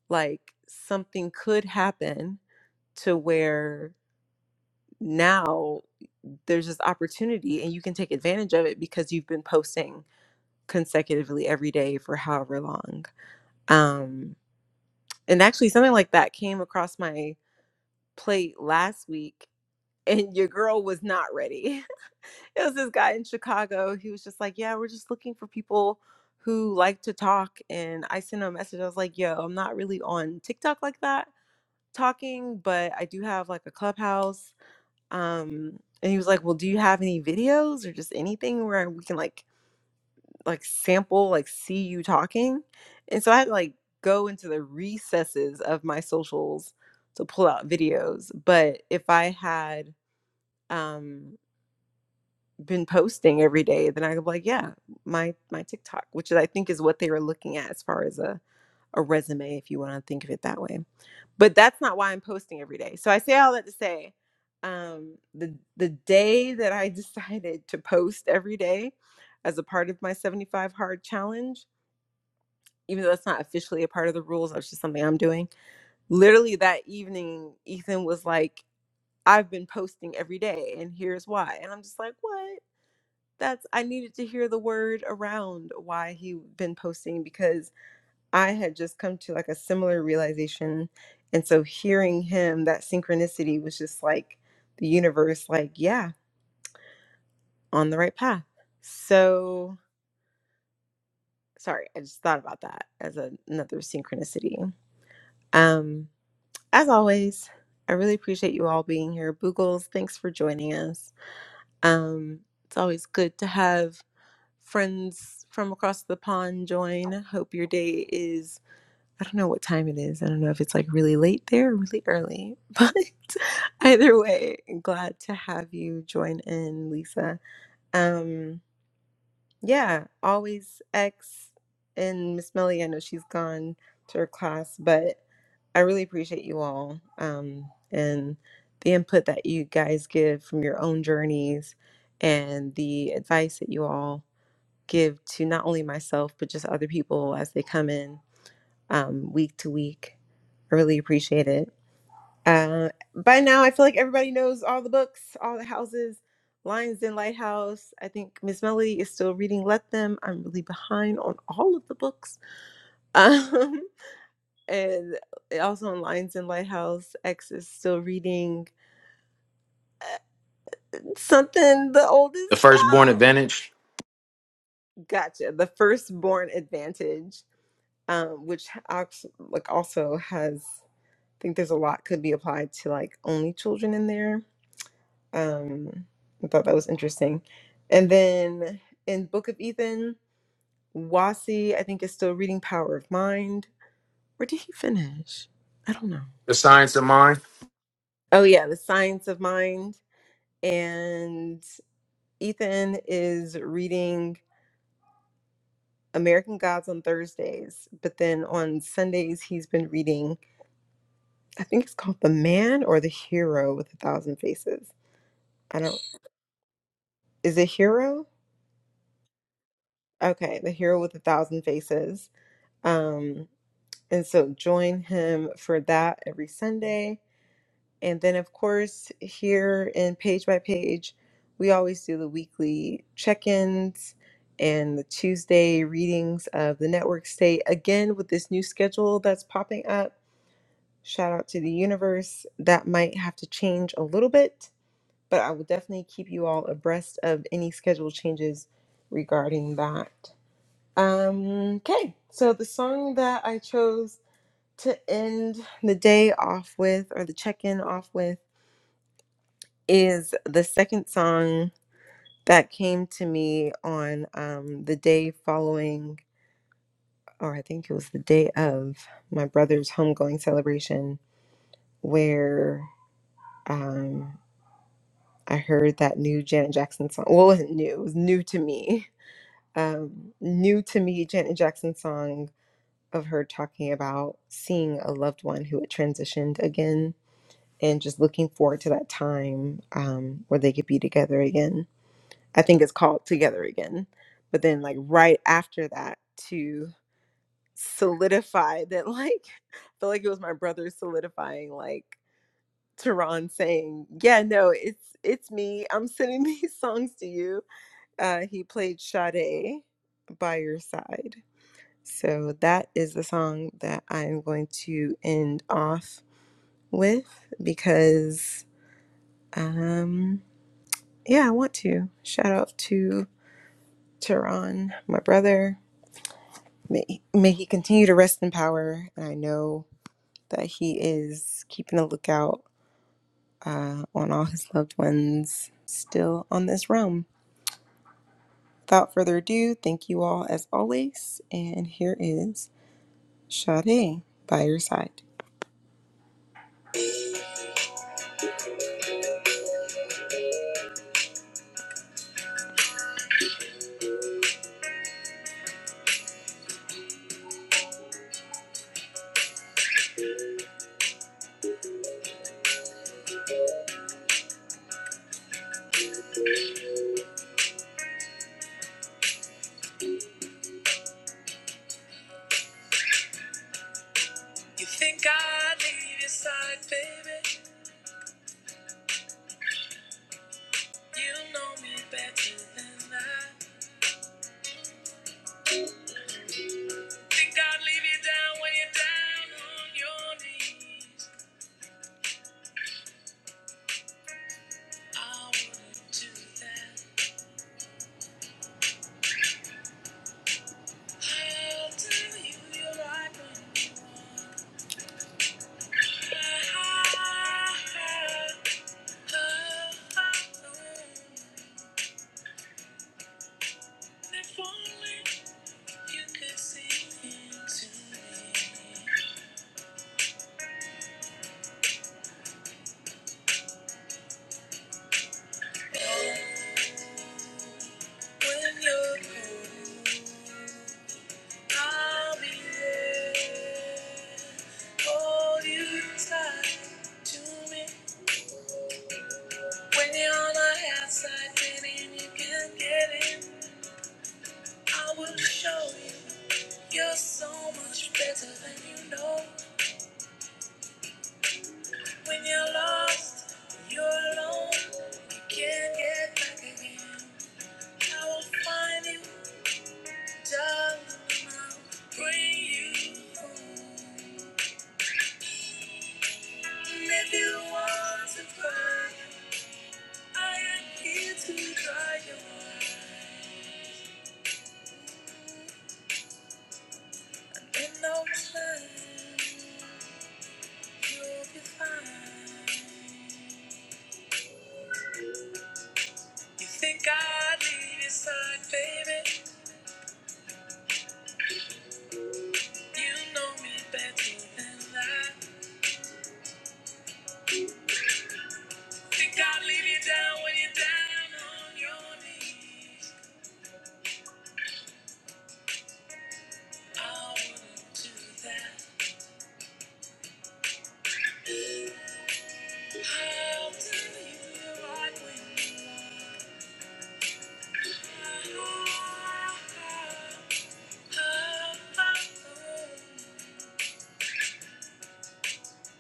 Speaker 1: like something could happen to where now there's this opportunity and you can take advantage of it because you've been posting consecutively every day for however long. Um, and actually, something like that came across my plate last week, and your girl was not ready. it was this guy in Chicago. He was just like, Yeah, we're just looking for people who like to talk. And I sent him a message. I was like, Yo, I'm not really on TikTok like that talking, but I do have like a clubhouse. Um, and he was like, Well, do you have any videos or just anything where we can like like sample like see you talking and so i had to like go into the recesses of my socials to pull out videos but if i had um been posting every day then i could be like yeah my my tiktok which is, i think is what they were looking at as far as a, a resume if you want to think of it that way but that's not why i'm posting every day so i say all that to say um the the day that i decided to post every day as a part of my 75 hard challenge even though that's not officially a part of the rules, that's just something I'm doing. Literally that evening, Ethan was like, I've been posting every day and here's why. And I'm just like, what? That's I needed to hear the word around why he'd been posting because I had just come to like a similar realization. And so hearing him, that synchronicity was just like the universe, like, yeah, on the right path. So sorry, I just thought about that as a- another synchronicity. Um As always, I really appreciate you all being here. Boogles, thanks for joining us. Um, it's always good to have friends from across the pond join. Hope your day is, I don't know what time it is. I don't know if it's like really late there or really early, but either way, glad to have you join in, Lisa. Um, yeah, always X and Miss Millie. I know she's gone to her class, but I really appreciate you all um, and the input that you guys give from your own journeys and the advice that you all give to not only myself but just other people as they come in um, week to week. I really appreciate it. Uh, by now, I feel like everybody knows all the books, all the houses, Lions Den Lighthouse. I think Miss Melody is still reading Let Them. I'm really behind on all of the books. Um, and also on Lions Den Lighthouse, X is still reading uh, something, the
Speaker 2: The
Speaker 1: oldest
Speaker 2: firstborn
Speaker 1: child.
Speaker 2: advantage,
Speaker 1: Gotcha. The Firstborn Advantage, um, which also, like also has, I think there's a lot could be applied to like only children in there Um, I thought that was interesting. And then in Book of Ethan, Wasi, I think, is still reading Power of Mind. Or did he finish? I don't know.
Speaker 2: the science of mind.
Speaker 1: Oh, yeah, The Science of Mind. And Ethan is reading American Gods on Thursdays, but then on Sundays, he's been reading, I think it's called The Man or The Hero with a Thousand Faces. I don't, is it Hero? Okay, The Hero with a Thousand Faces. Um, And so join him for that every Sunday. And then, of course, here in Page by Page, we always do the weekly check ins and the Tuesday readings of the network state. Again, with this new schedule that's popping up, shout out to the universe. That might have to change a little bit, but I will definitely keep you all abreast of any schedule changes regarding that. Um, okay, so the song that I chose to end the day off with or the check in off with is the second song that came to me on um, the day following, or I think it was the day of my brother's homegoing celebration, where um, I heard that new Janet Jackson song. Well, it wasn't new, it was new to me. Um, new to me, Janet Jackson song of her talking about seeing a loved one who had transitioned again and just looking forward to that time um, where they could be together again. I think it's called Together Again. But then, like, right after that, to solidify that, like, I feel like it was my brother solidifying, like, Tehran saying, Yeah, no, it's it's me. I'm sending these songs to you. Uh, he played Sade by your side. So that is the song that I'm going to end off with because. um, Yeah, I want to. Shout out to Tehran, my brother. May, may he continue to rest in power. And I know that he is keeping a lookout uh, on all his loved ones still on this realm. Without further ado, thank you all as always. And here is Sade by your side. You think I leave your side, baby? You know me better than I. Think I'd leave you down when you're down on your knees. I wouldn't do I'll tell you you're right when If only you could see into me. When you're cold, I'll be there. Hold you tight to me. When you're on my outside, baby, and you can get in. I will show you you're so much better than you know. When you're lost, when you're alone, you can't get back again. I will find you, darling, and I'll bring you home. And if you want to cry, I am here to dry your eyes. In no time, you'll be fine. You think I'd leave your side, baby? You know me better than that. Think I'd leave you down when you're down on your knees. I wouldn't do that. I'll tell you right when you are.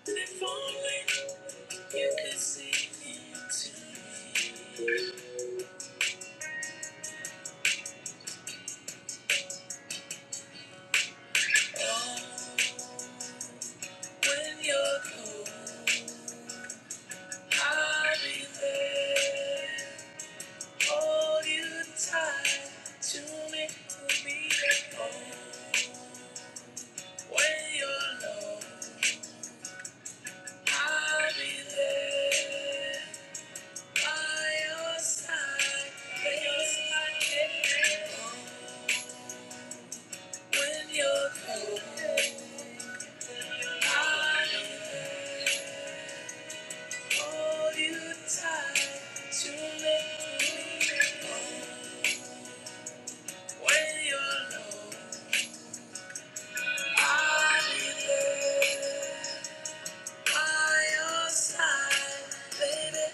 Speaker 1: If only you could see into me. Oh. When you're cold, I'll be there. Hold you tight to me, to me at home. When you're low, I'll be there. By your side, by your side at home. When you're cold, I'll be there. Hold you tight to me, to me at home. When you're alone, I'll be by your side, baby.